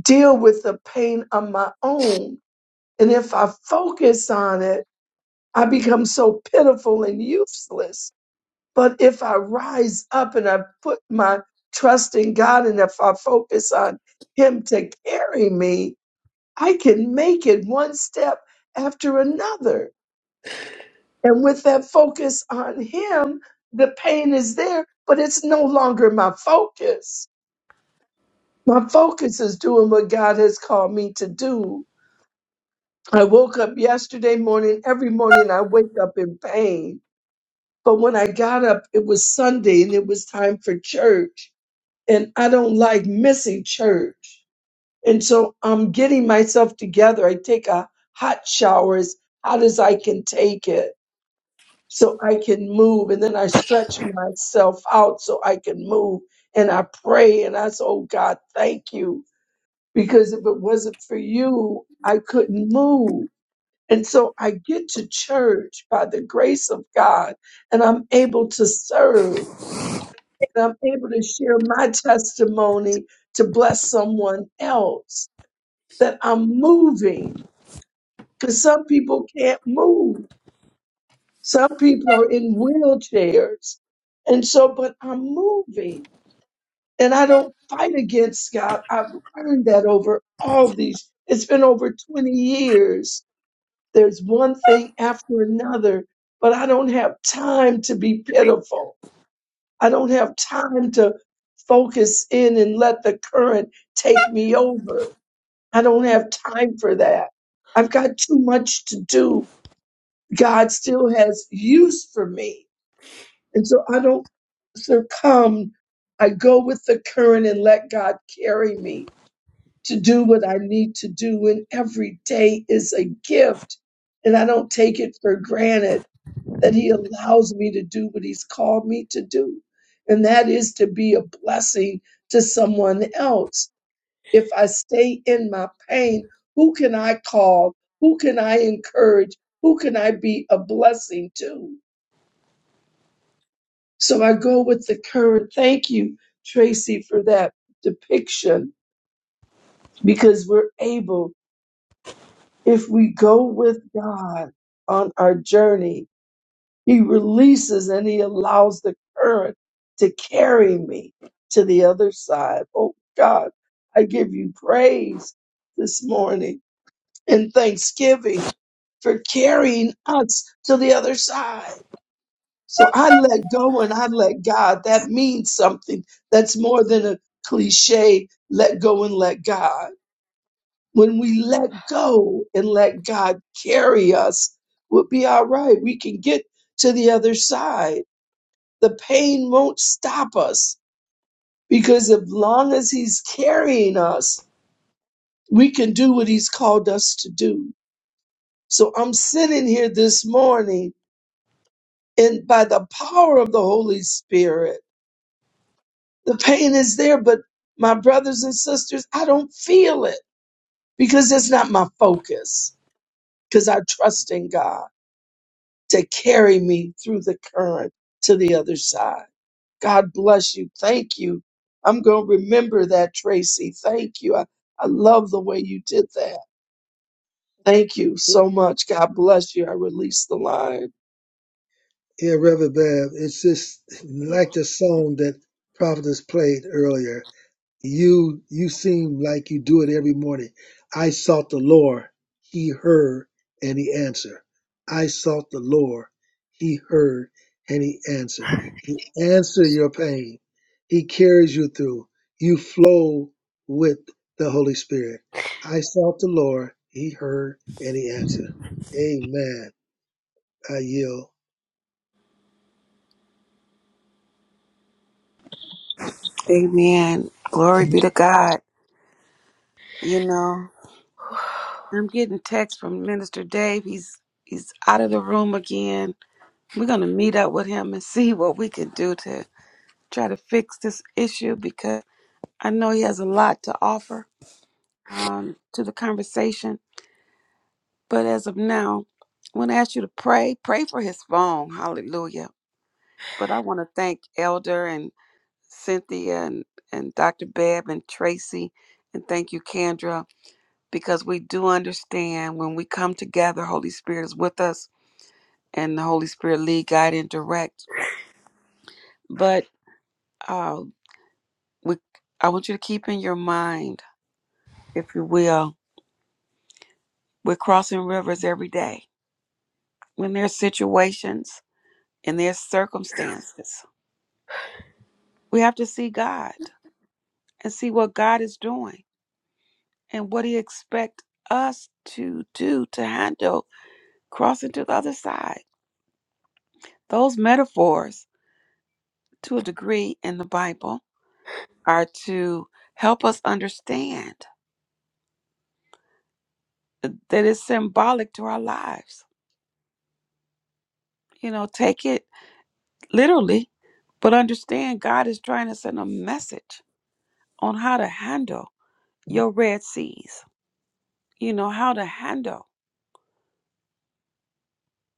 S4: deal with the pain on my own. And if I focus on it, I become so pitiful and useless. But if I rise up and I put my trust in God and if I focus on Him to carry me, I can make it one step after another. And with that focus on him, the pain is there, but it's no longer my focus. My focus is doing what God has called me to do. I woke up yesterday morning. Every morning I wake up in pain. But when I got up, it was Sunday and it was time for church. And I don't like missing church. And so I'm getting myself together. I take a hot shower as hot as I can take it so I can move. And then I stretch myself out so I can move. And I pray and I say, Oh God, thank you. Because if it wasn't for you, I couldn't move. And so I get to church by the grace of God and I'm able to serve and I'm able to share my testimony to bless someone else that I'm moving because some people can't move. Some people are in wheelchairs. And so, but I'm moving and I don't fight against God. I've learned that over all these, it's been over 20 years. There's one thing after another, but I don't have time to be pitiful. I don't have time to focus in and let the current take me over. I don't have time for that. I've got too much to do. God still has use for me. And so I don't succumb. I go with the current and let God carry me to do what I need to do. And every day is a gift. And I don't take it for granted that He allows me to do what He's called me to do. And that is to be a blessing to someone else. If I stay in my pain, who can I call? Who can I encourage? Who can I be a blessing to? So I go with the current. Thank you, Tracy, for that depiction because we're able, if we go with God on our journey, He releases and He allows the current to carry me to the other side. Oh God, I give you praise this morning and thanksgiving for carrying us to the other side So I let go and I let God. That means something that's more than a cliche let go and let God. When we let go and let God carry us, we'll be all right. We can get to the other side. The pain won't stop us because as long as He's carrying us, we can do what He's called us to do. So I'm sitting here this morning and by the power of the Holy Spirit. The pain is there, but my brothers and sisters, I don't feel it because it's not my focus. Because I trust in God to carry me through the current to the other side. God bless you. Thank you. I'm going to remember that, Tracy. Thank you. I, I love the way you did that. Thank you so much. God bless you. I release the line.
S2: yeah reverend Bev, it's just like the song that prophetess played earlier You you seem like you do it every morning. I sought the Lord, he heard and he answered. I sought the Lord, he heard and he answered. He answered your pain. He carries you through. You flow with the Holy Spirit. I sought the Lord, he heard and he answered. Amen. I yield.
S1: Amen. Glory be to God. You know,
S5: [SIGHS]
S1: I'm getting text from Minister Dave. He's he's out of the room again. We're gonna meet up with him and [LAUGHS] see what we can do to try to fix this issue because I know he has a lot to offer um, to the conversation. But as of now, I want to ask you to pray. Pray for his phone. Hallelujah. But I want to thank Elder and Cynthia and, and Dr. Bebb and Tracy. And thank you, Kendra, because we do understand when we come together, Holy Spirit is with us and the Holy Spirit lead, guide, and direct. But uh, we, I want you to keep in your mind, if you will, we're crossing rivers every day. When there's situations and there's circumstances, we have to see God and see what God is doing and what He expects us to do to handle crossing to the other side. Those metaphors, to a degree, in the Bible are to help us understand that it's symbolic to our lives. You know, take it literally, but understand God is trying to send a message on how to handle your Red Seas. You know, how to handle.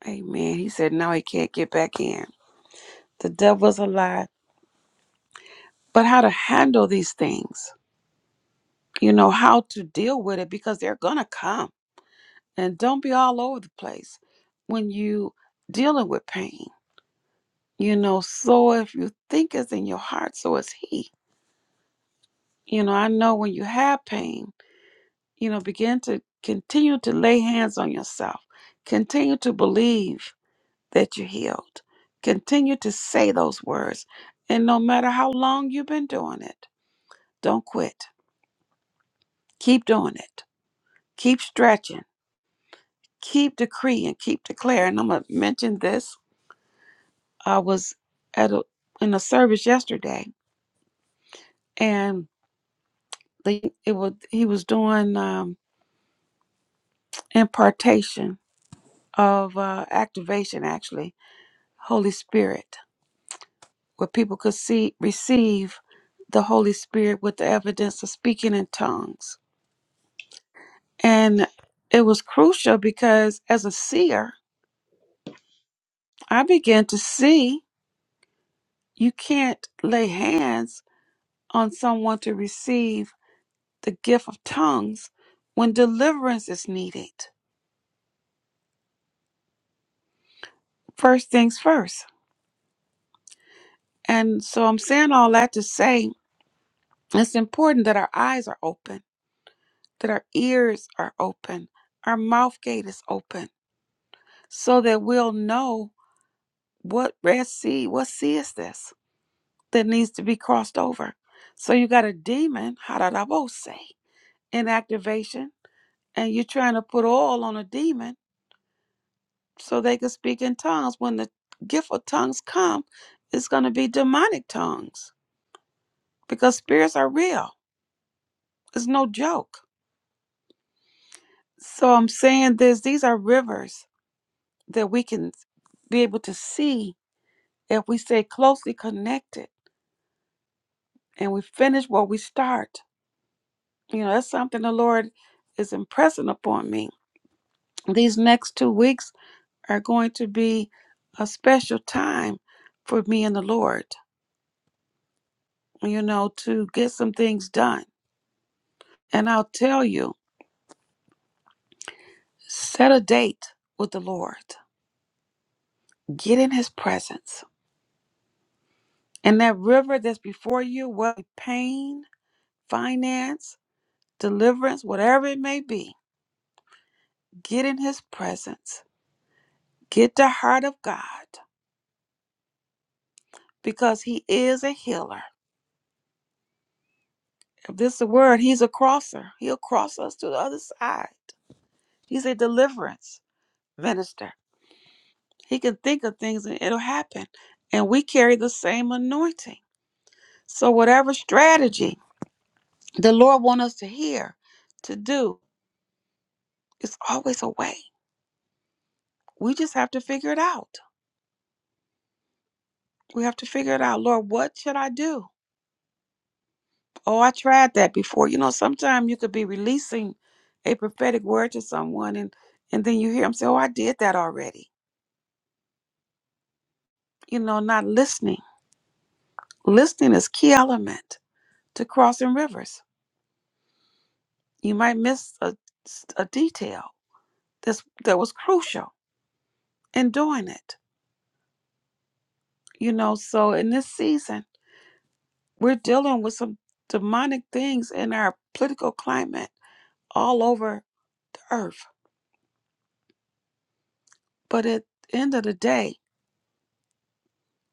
S1: Amen. He said, now he can't get back in. The devil's alive but how to handle these things, you know, how to deal with it because they're going to come. And don't be all over the place when you dealing with pain. You know, so if you think it's in your heart, so is he. You know, I know when you have pain, you know, begin to continue to lay hands on yourself. Continue to believe that you're healed. Continue to say those words. And no matter how long you've been doing it, don't quit. Keep doing it. Keep stretching keep decree and keep declare. And I'm gonna mention this. I was at a in a service yesterday, and the it was he was doing um, impartation of uh, activation, actually Holy Spirit, where people could see receive the Holy Spirit with the evidence of speaking in tongues, and it was crucial because as a seer, I began to see you can't lay hands on someone to receive the gift of tongues when deliverance is needed. First things first. And so I'm saying all that to say it's important that our eyes are open, that our ears are open, our mouth gate is open, so that we'll know what Red Sea, what sea is this that needs to be crossed over. So you got a demon, how did I both say, in activation, and you're trying to put oil on a demon so they could speak in tongues. When the gift of tongues come, it's going to be demonic tongues because spirits are real. It's no joke. So I'm saying this: these are rivers that we can be able to see if we stay closely connected and we finish what we start. You know, that's something the Lord is impressing upon me. These next two weeks are going to be a special time for me and the Lord. You know, to get some things done And I'll tell you, set a date with the Lord. Get in his presence. And that river that's before you, whether pain, finance, deliverance, whatever it may be, get in his presence. Get the heart of God because he is a healer. If this is a word, he's a crosser. He'll cross us to the other side. He's a deliverance minister. He can think of things and it'll happen. And we carry the same anointing. So whatever strategy the Lord wants us to hear, to do. It's always a way. We just have to figure it out. We have to figure it out. Lord, what should I do? Oh, I tried that before. You know, sometimes you could be releasing a prophetic word to someone and and then you hear them say, Oh, I did that already. You know, not listening. Listening is key element to crossing rivers. You might miss a, a detail that's that was crucial in doing it. You know, so in this season We're dealing with some demonic things in our political climate all over the earth. But at the end of the day,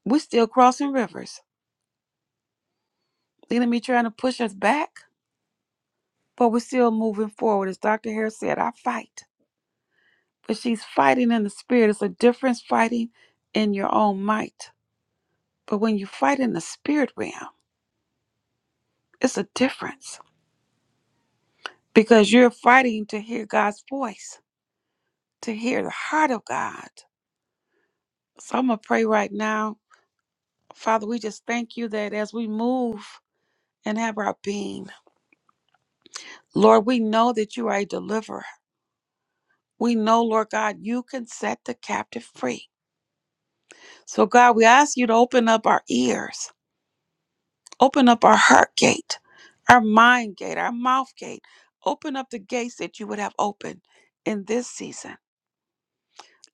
S1: we're still crossing rivers. The enemy trying to push us back, but we're still moving forward. As Dr. Harris said, I fight. But she's fighting in the spirit. It's a difference fighting in your own might. But when you fight in the spirit realm, it's a difference because you're fighting to hear God's voice, to hear the heart of God. So I'm going to pray right now Father, we just thank you that as we move and have our being, Lord, we know that you are a deliverer. We know, Lord God, you can set the captive free. So, God, we ask you to open up our ears, open up our heart gate, our mind gate, our mouth gate. Open up the gates that you would have opened in this season.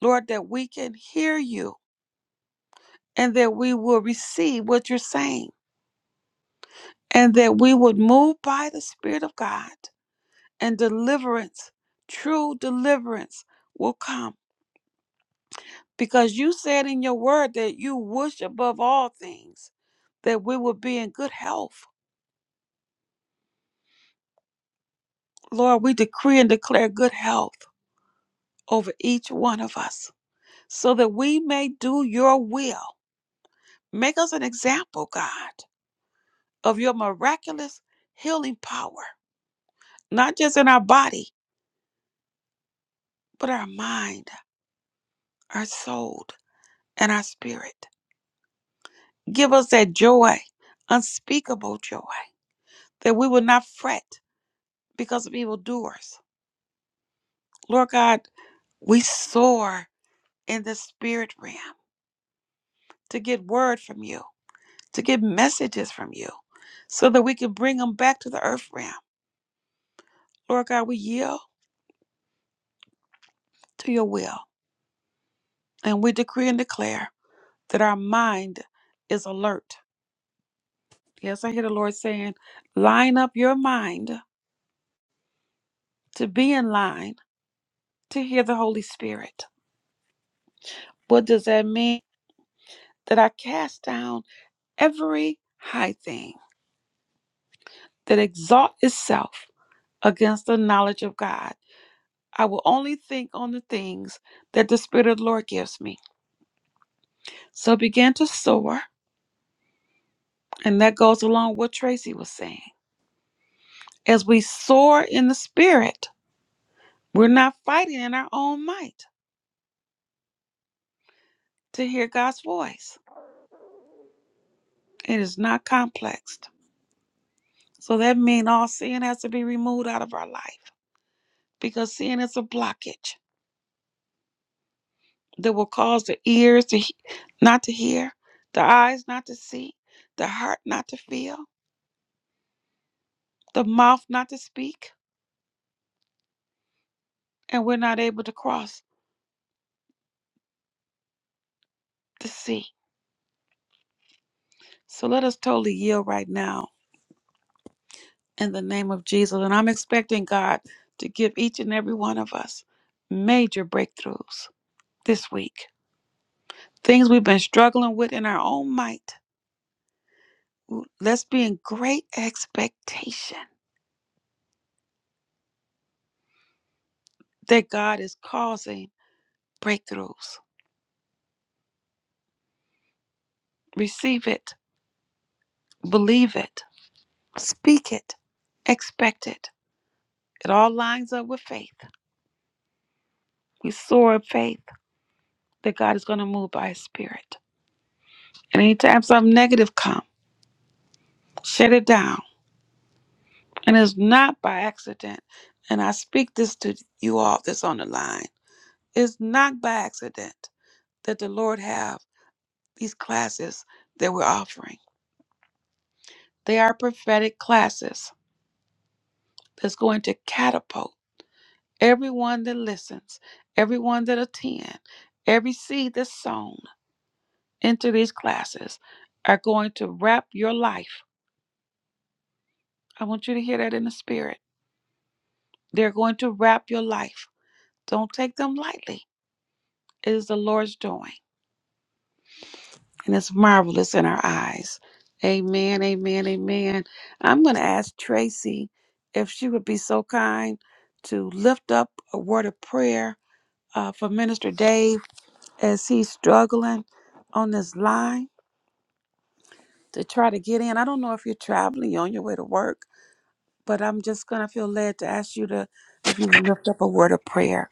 S1: Lord, that we can hear you and that we will receive what you're saying and that we would move by the Spirit of God and deliverance, true deliverance will come. Because you said in your word that you wish above all things that we would be in good health. Lord, we decree and declare good health over each one of us so that we may do your will. Make us an example, God, of your miraculous healing power, not just in our body, but our mind, our soul, and our spirit. Give us that joy, unspeakable joy that we will not fret because of evildoers. Lord God, we soar in the spirit realm to get word from you, to get messages from you, so that we can bring them back to the earth realm. Lord God, we yield to your will and we decree and declare that our mind is alert. Yes, I hear the Lord saying, line up your mind to be in line to hear the Holy Spirit. What does that mean? That I cast down every high thing that exalt itself against the knowledge of God. I will only think on the things that the Spirit of the Lord gives me. So begin to soar. And that goes along with what Tracy was saying. As we soar in the Spirit, we're not fighting in our own might to hear God's voice. It is not complex. So that means all sin has to be removed out of our life because sin is a blockage. that will cause the ears to he- not to hear, the eyes not to see, the heart not to feel, the mouth not to speak, and we're not able to cross the sea. So let us totally yield right now in the name of Jesus. And I'm expecting God to give each and every one of us major breakthroughs this week. Things we've been struggling with in our own might. Let's be in great expectation that God is causing breakthroughs. Receive it Believe it, speak it, expect it. It all lines up with faith. We soar in faith that God is going to move by His Spirit. And anytime something negative comes, shut it down. And it's not by accident. And I speak this to you all that's on the line. It's not by accident that the Lord have these classes that we're offering. They are prophetic classes that's going to catapult. everyone that listens, everyone that attend, every seed that's sown into these classes are going to wrap your life. I want you to hear that in the spirit. They're going to wrap your life. Don't take them lightly. It is the Lord's doing, and it's marvelous in our eyes. Amen, amen, amen. I'm going to ask Tracy if she would be so kind to lift up a word of prayer uh, for Minister Dave as he's struggling on this line. to try to get in. I don't know if you're traveling, you're on your way to work, but I'm just going to feel led to ask you to, if you would lift up a word of prayer.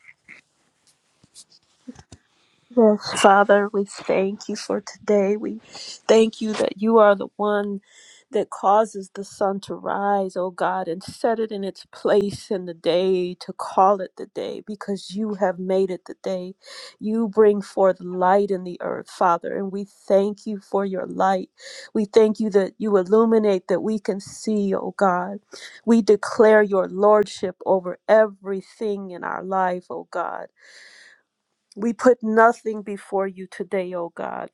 S5: Yes, Father, we thank you for today. We thank you that you are the one that causes the sun to rise, oh God, and set it in its place in the day to call it the day because you have made it the day. You bring forth light in the earth, Father, and we thank you for your light. We thank you that you illuminate that we can see, oh God. We declare your lordship over everything in our life, oh God. We put nothing before you today, O God.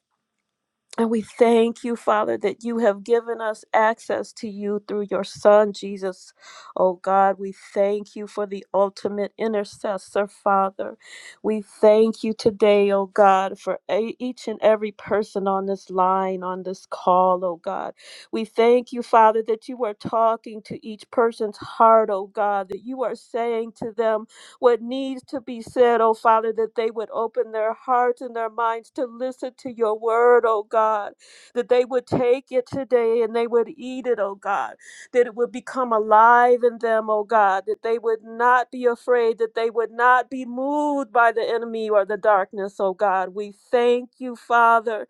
S5: And we thank you, Father, that you have given us access to you through your Son, Jesus. O God, we thank you for the ultimate intercessor, Father. We thank you today, O God, for a- each and every person on this line, on this call, O God. We thank you, Father, that you are talking to each person's heart, O God, that you are saying to them, what needs to be said, oh Father, that they would open their hearts and their minds to listen to your word, oh God, that they would take it today and they would eat it, oh God, that it would become alive in them, oh God, that they would not be afraid, that they would not be moved by the enemy or the darkness, oh God. We thank you, Father.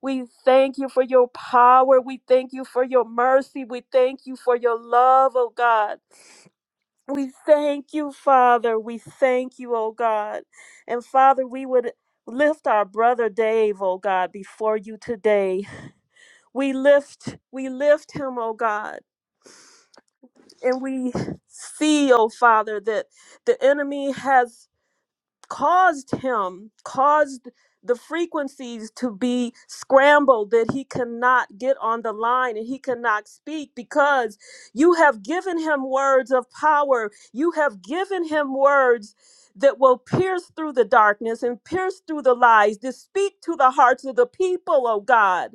S5: We thank you for your power. We thank you for your mercy. We thank you for your love, oh God. We thank you, Father. We thank you, oh God. And Father, we would lift our brother Dave, oh God, before you today. We lift, we lift him, oh God. And we see, oh Father, that the enemy has caused him, caused the frequencies to be scrambled that he cannot get on the line and he cannot speak because you have given him words of power. You have given him words that will pierce through the darkness and pierce through the lies, to speak to the hearts of the people, oh God.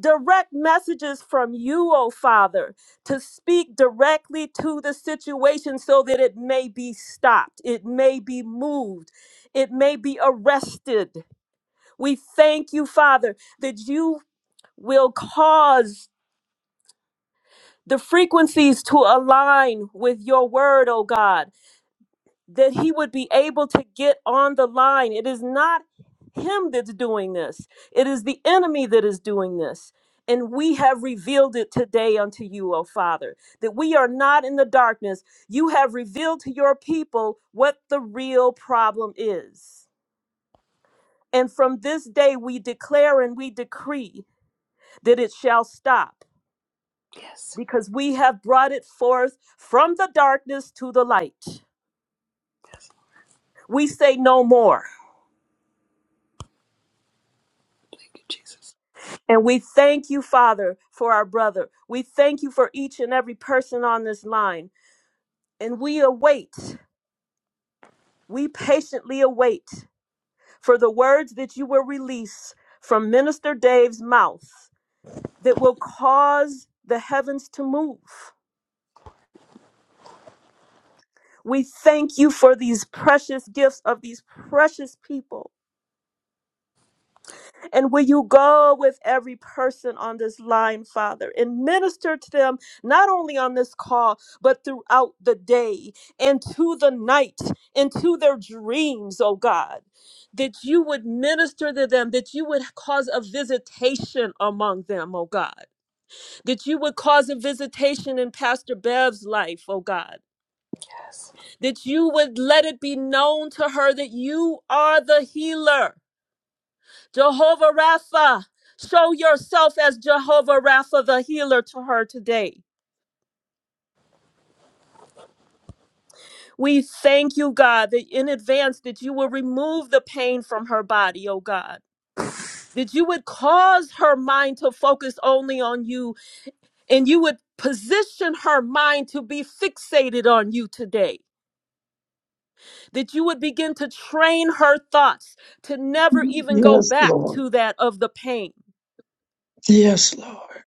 S5: Direct messages from you, oh Father, to speak directly to the situation so that it may be stopped, it may be moved it may be arrested. We thank you, Father, that you will cause the frequencies to align with your word, oh God, that he would be able to get on the line. It is not him that's doing this, it is the enemy that is doing this. And we have revealed it today unto you, O Father, that we are not in the darkness. You have revealed to your people what the real problem is. And from this day we declare and we decree that it shall stop
S1: Yes.
S5: because we have brought it forth from the darkness to the light. We say no more.
S1: Thank you, Jesus.
S5: And we thank you, Father, for our brother. We thank you for each and every person on this line. And we await, we patiently await for the words that you will release from Minister Dave's mouth that will cause the heavens to move We thank you for these precious gifts of these precious people. And will you go with every person on this line, Father, and minister to them, not only on this call, but throughout the day, into the night, into their dreams, oh God. That you would minister to them, that you would cause a visitation among them, oh God. That you would cause a visitation in Pastor Bev's life, oh God that you would let it be known to her that you are the healer. Jehovah Rapha, show yourself as Jehovah Rapha, the healer to her today. We thank you, God, that in advance that you will remove the pain from her body, oh God. That you would cause her mind to focus only on you and you would position her mind to be fixated on you today that you would begin to train her thoughts to never even go
S4: Yes,
S5: back
S4: Lord.
S5: to that of the pain,
S4: Yes, Lord.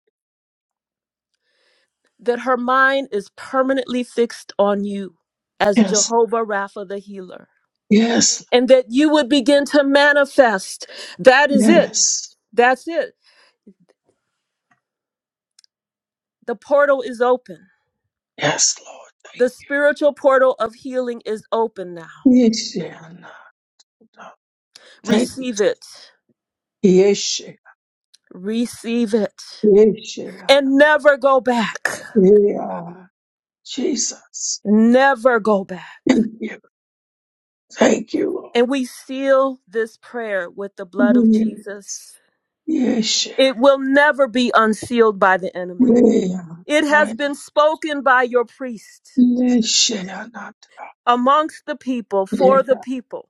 S5: that her mind is permanently fixed on you as
S4: Yes.
S5: Jehovah Rapha the healer,
S4: Yes.
S5: and that you would begin to manifest. That is it. Yeah.
S4: Yes.
S5: That's it. The portal is open.
S4: Yes, Lord.
S5: The spiritual portal of healing is open now.
S4: Yes, yeah. no. Thank you.
S5: Receive it.
S4: Yeshe,
S5: Receive it.
S4: yeshe,
S5: And never go back.
S4: yeah, Jesus.
S5: Never go back.
S4: Thank you. Thank you,
S5: And we seal this prayer with the blood
S4: Lord.
S5: of
S4: Yes.
S5: Jesus.
S4: Yeshe,
S5: It will never be unsealed by the enemy.
S4: yeah,
S5: It has
S4: I-
S5: been spoken by your priest
S4: yeshe, yeah, not-
S5: amongst the people,
S4: yeah.
S5: for the people,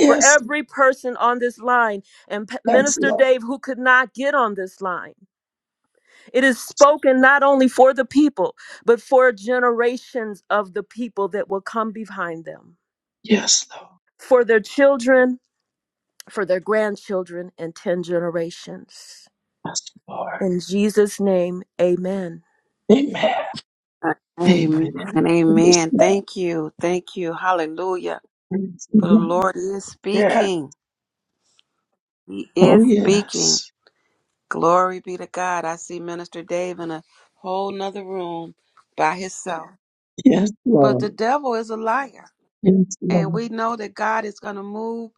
S5: for every person on this line, and P-
S4: yes,
S5: Minister
S4: Lord.
S5: Dave, who could not get on this line. It is spoken not only for the people, but for generations of the people that will come behind them,
S4: Yes, Lord.
S5: for their children, for their grandchildren, and 10 generations.
S4: Yes, Lord.
S5: In Jesus' name, amen.
S4: Amen.
S1: Amen.
S4: Amen. Yes,
S1: Amen.
S4: Lord.
S1: Thank you. Thank you. Hallelujah.
S4: Yes,
S1: For the
S4: Lord.
S1: Lord is
S4: Yeah.
S1: speaking. He
S4: Oh,
S1: is speaking.
S4: yes.
S1: Glory be to God. I see Minister Dave in a whole nother room by himself.
S4: Yes,
S1: But the
S4: Lord.
S1: devil is a liar.
S4: Yes,
S1: And we
S4: Lord.
S1: know that God is going to move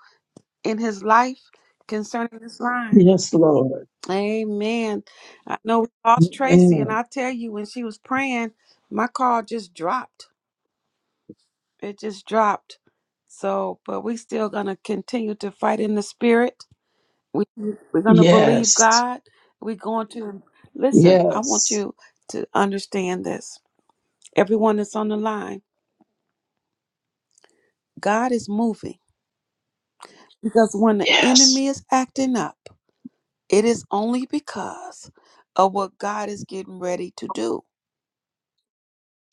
S1: in his life concerning this line.
S4: Yes, Lord.
S1: Amen. I know we lost Tracy, and
S4: Amen.
S1: I tell you, when she was praying, my call just dropped. it just dropped. So, but we still gonna continue to fight in the spirit. We we're gonna believe
S4: Yes.
S1: God. We're going to listen. I want
S4: Yes.
S1: you to understand this. Everyone that's on the line, God is moving because when the
S4: Yes.
S1: enemy is acting up, it is only because of what God is getting ready to do.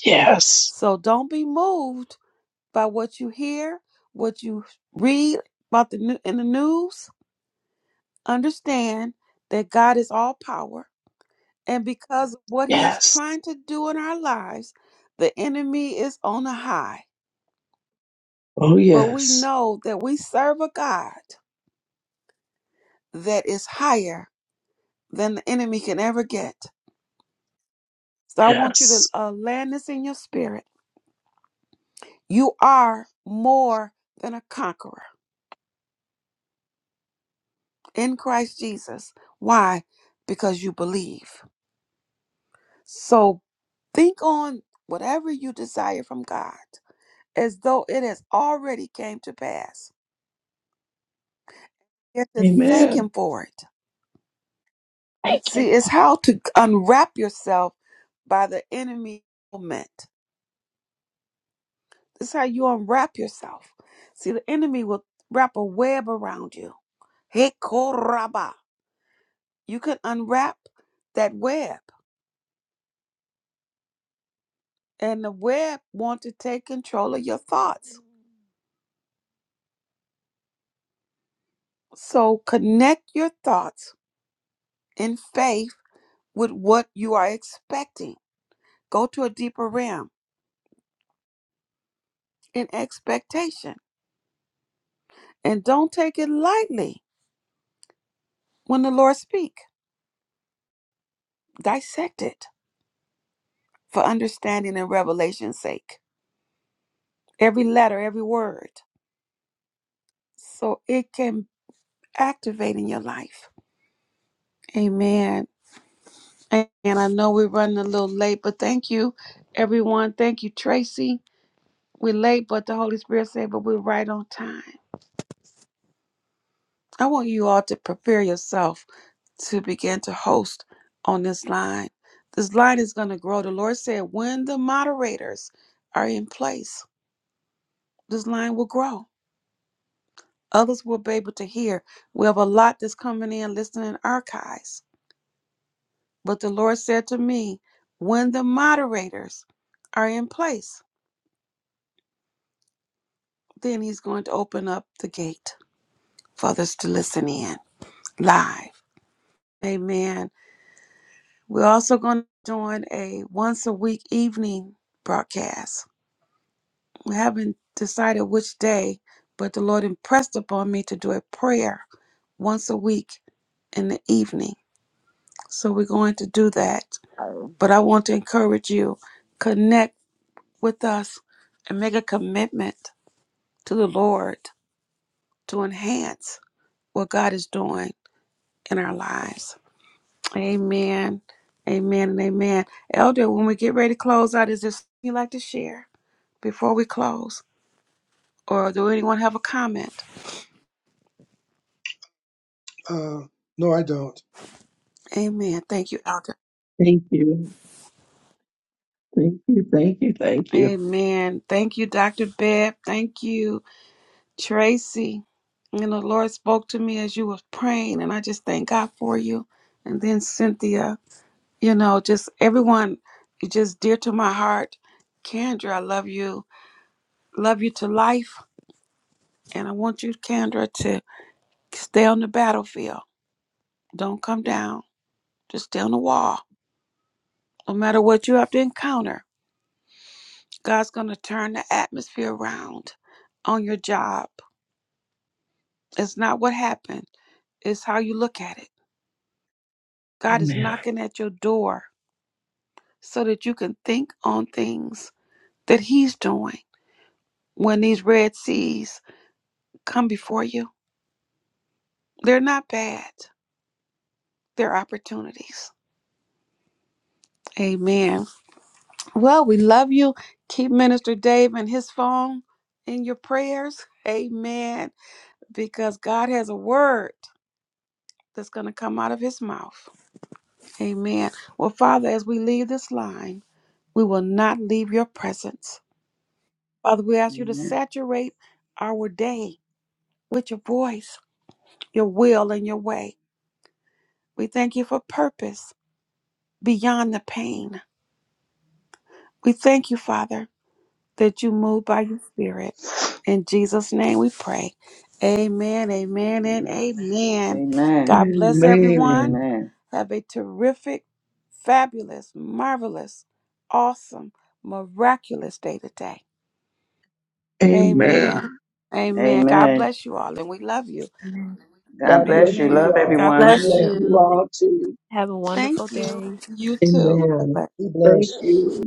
S4: Yes.
S1: So don't be moved by what you hear, what you read about the new in the news understand that God is all power. And because of what he's
S4: Yes.
S1: trying to do in our lives, the enemy is on a high.
S4: Oh,
S1: But we
S4: yes.
S1: know that we serve a God that is higher than the enemy can ever get. So I want you to
S4: Yes.
S1: uh, land this in your spirit. You are more than a conqueror in Christ Jesus. Why? Because you believe. So think on whatever you desire from God as though it has already came to pass. You have to thank him
S4: Amen.
S1: for it.
S4: Thank you.
S1: See, it's how to unwrap yourself by the enemy moment. This is how you unwrap yourself. See, the enemy will wrap a web around you. Hey, koraba. You can unwrap that web, and the web want to take control of your thoughts. So connect your thoughts in faith with what you are expecting. Go to a deeper realm in expectation And don't take it lightly when the Lord speak. Dissect it for understanding and revelation's sake. Every letter, every word. So it can activate in your life. Amen. And I know we're running a little late, but thank you, everyone. Thank you, Tracy. We're late, but the Holy Spirit said, but we're right on time. I want you all to prepare yourself to begin to host on this line. This line is going to grow. The Lord said, when the moderators are in place, this line will grow. Others will be able to hear. We have a lot that's coming in listening in archives. But the Lord said to me, when the moderators are in place, then He's going to open up the gate for others to listen in live. Amen. We're also going to join a once a week evening broadcast We haven't decided which day, but the Lord impressed upon me to do a prayer once a week in the evening. So we're going to do that. But I want to encourage you, connect with us and make a commitment to the Lord to enhance what God is doing in our lives. Amen. Amen and amen. Elder, when we get ready to close out, is there something you'd like to share before we close? Or do anyone have a comment?
S2: Uh, no, I don't.
S1: Amen. Thank you, Elder.
S4: Thank you. Thank you. Thank you. Thank you.
S1: Amen. Thank you, Dr. Beb. Thank you, Tracy. And the Lord spoke to me as you were praying, and I just thank God for you. And then Cynthia, you know, just everyone, you're just dear to my heart. Kendra, I love you. Love you to life. And I want you, Kendra, to stay on the battlefield. Don't come down. Just stay on the wall. No matter what you have to encounter, God's going to turn the atmosphere around on your job It's not what happened, it's how you look at it. God is
S4: Amen.
S1: knocking at your door so that you can think on things that He's doing. When these Red Seas come before you, they're not bad, they're opportunities. Amen. Well, we love you. Keep Minister Dave and his phone in your prayers. Amen. Because God has a word that's going to come out of his mouth. Amen. Well, Father, as we leave this line, We will not leave your presence. Father, we ask you to
S3: Amen.
S1: saturate our day with your voice, your will, and your way. We thank you for purpose beyond the pain. We thank you, Father, that you move by your spirit. In Jesus' name we pray. Amen, amen, and
S3: Yes.
S1: amen.
S3: Amen.
S1: God bless everyone.
S4: Amen.
S3: Amen.
S1: Have a terrific, fabulous, marvelous, awesome, miraculous day today. Amen.
S4: Amen.
S1: Amen. God
S3: Amen.
S1: bless you all and we love you.
S5: Amen.
S3: God
S4: God bless
S3: bless you.
S4: you
S3: Love
S1: Amen.
S4: all.
S1: God
S3: everyone.
S1: bless
S5: Bless
S4: Love
S2: Amen.
S1: you.
S4: you
S5: you.
S4: all too.
S5: Have a wonderful
S1: Thank you.
S5: day.
S1: You too.
S4: Amen.
S2: Be
S4: Thank
S2: blessed.
S4: you.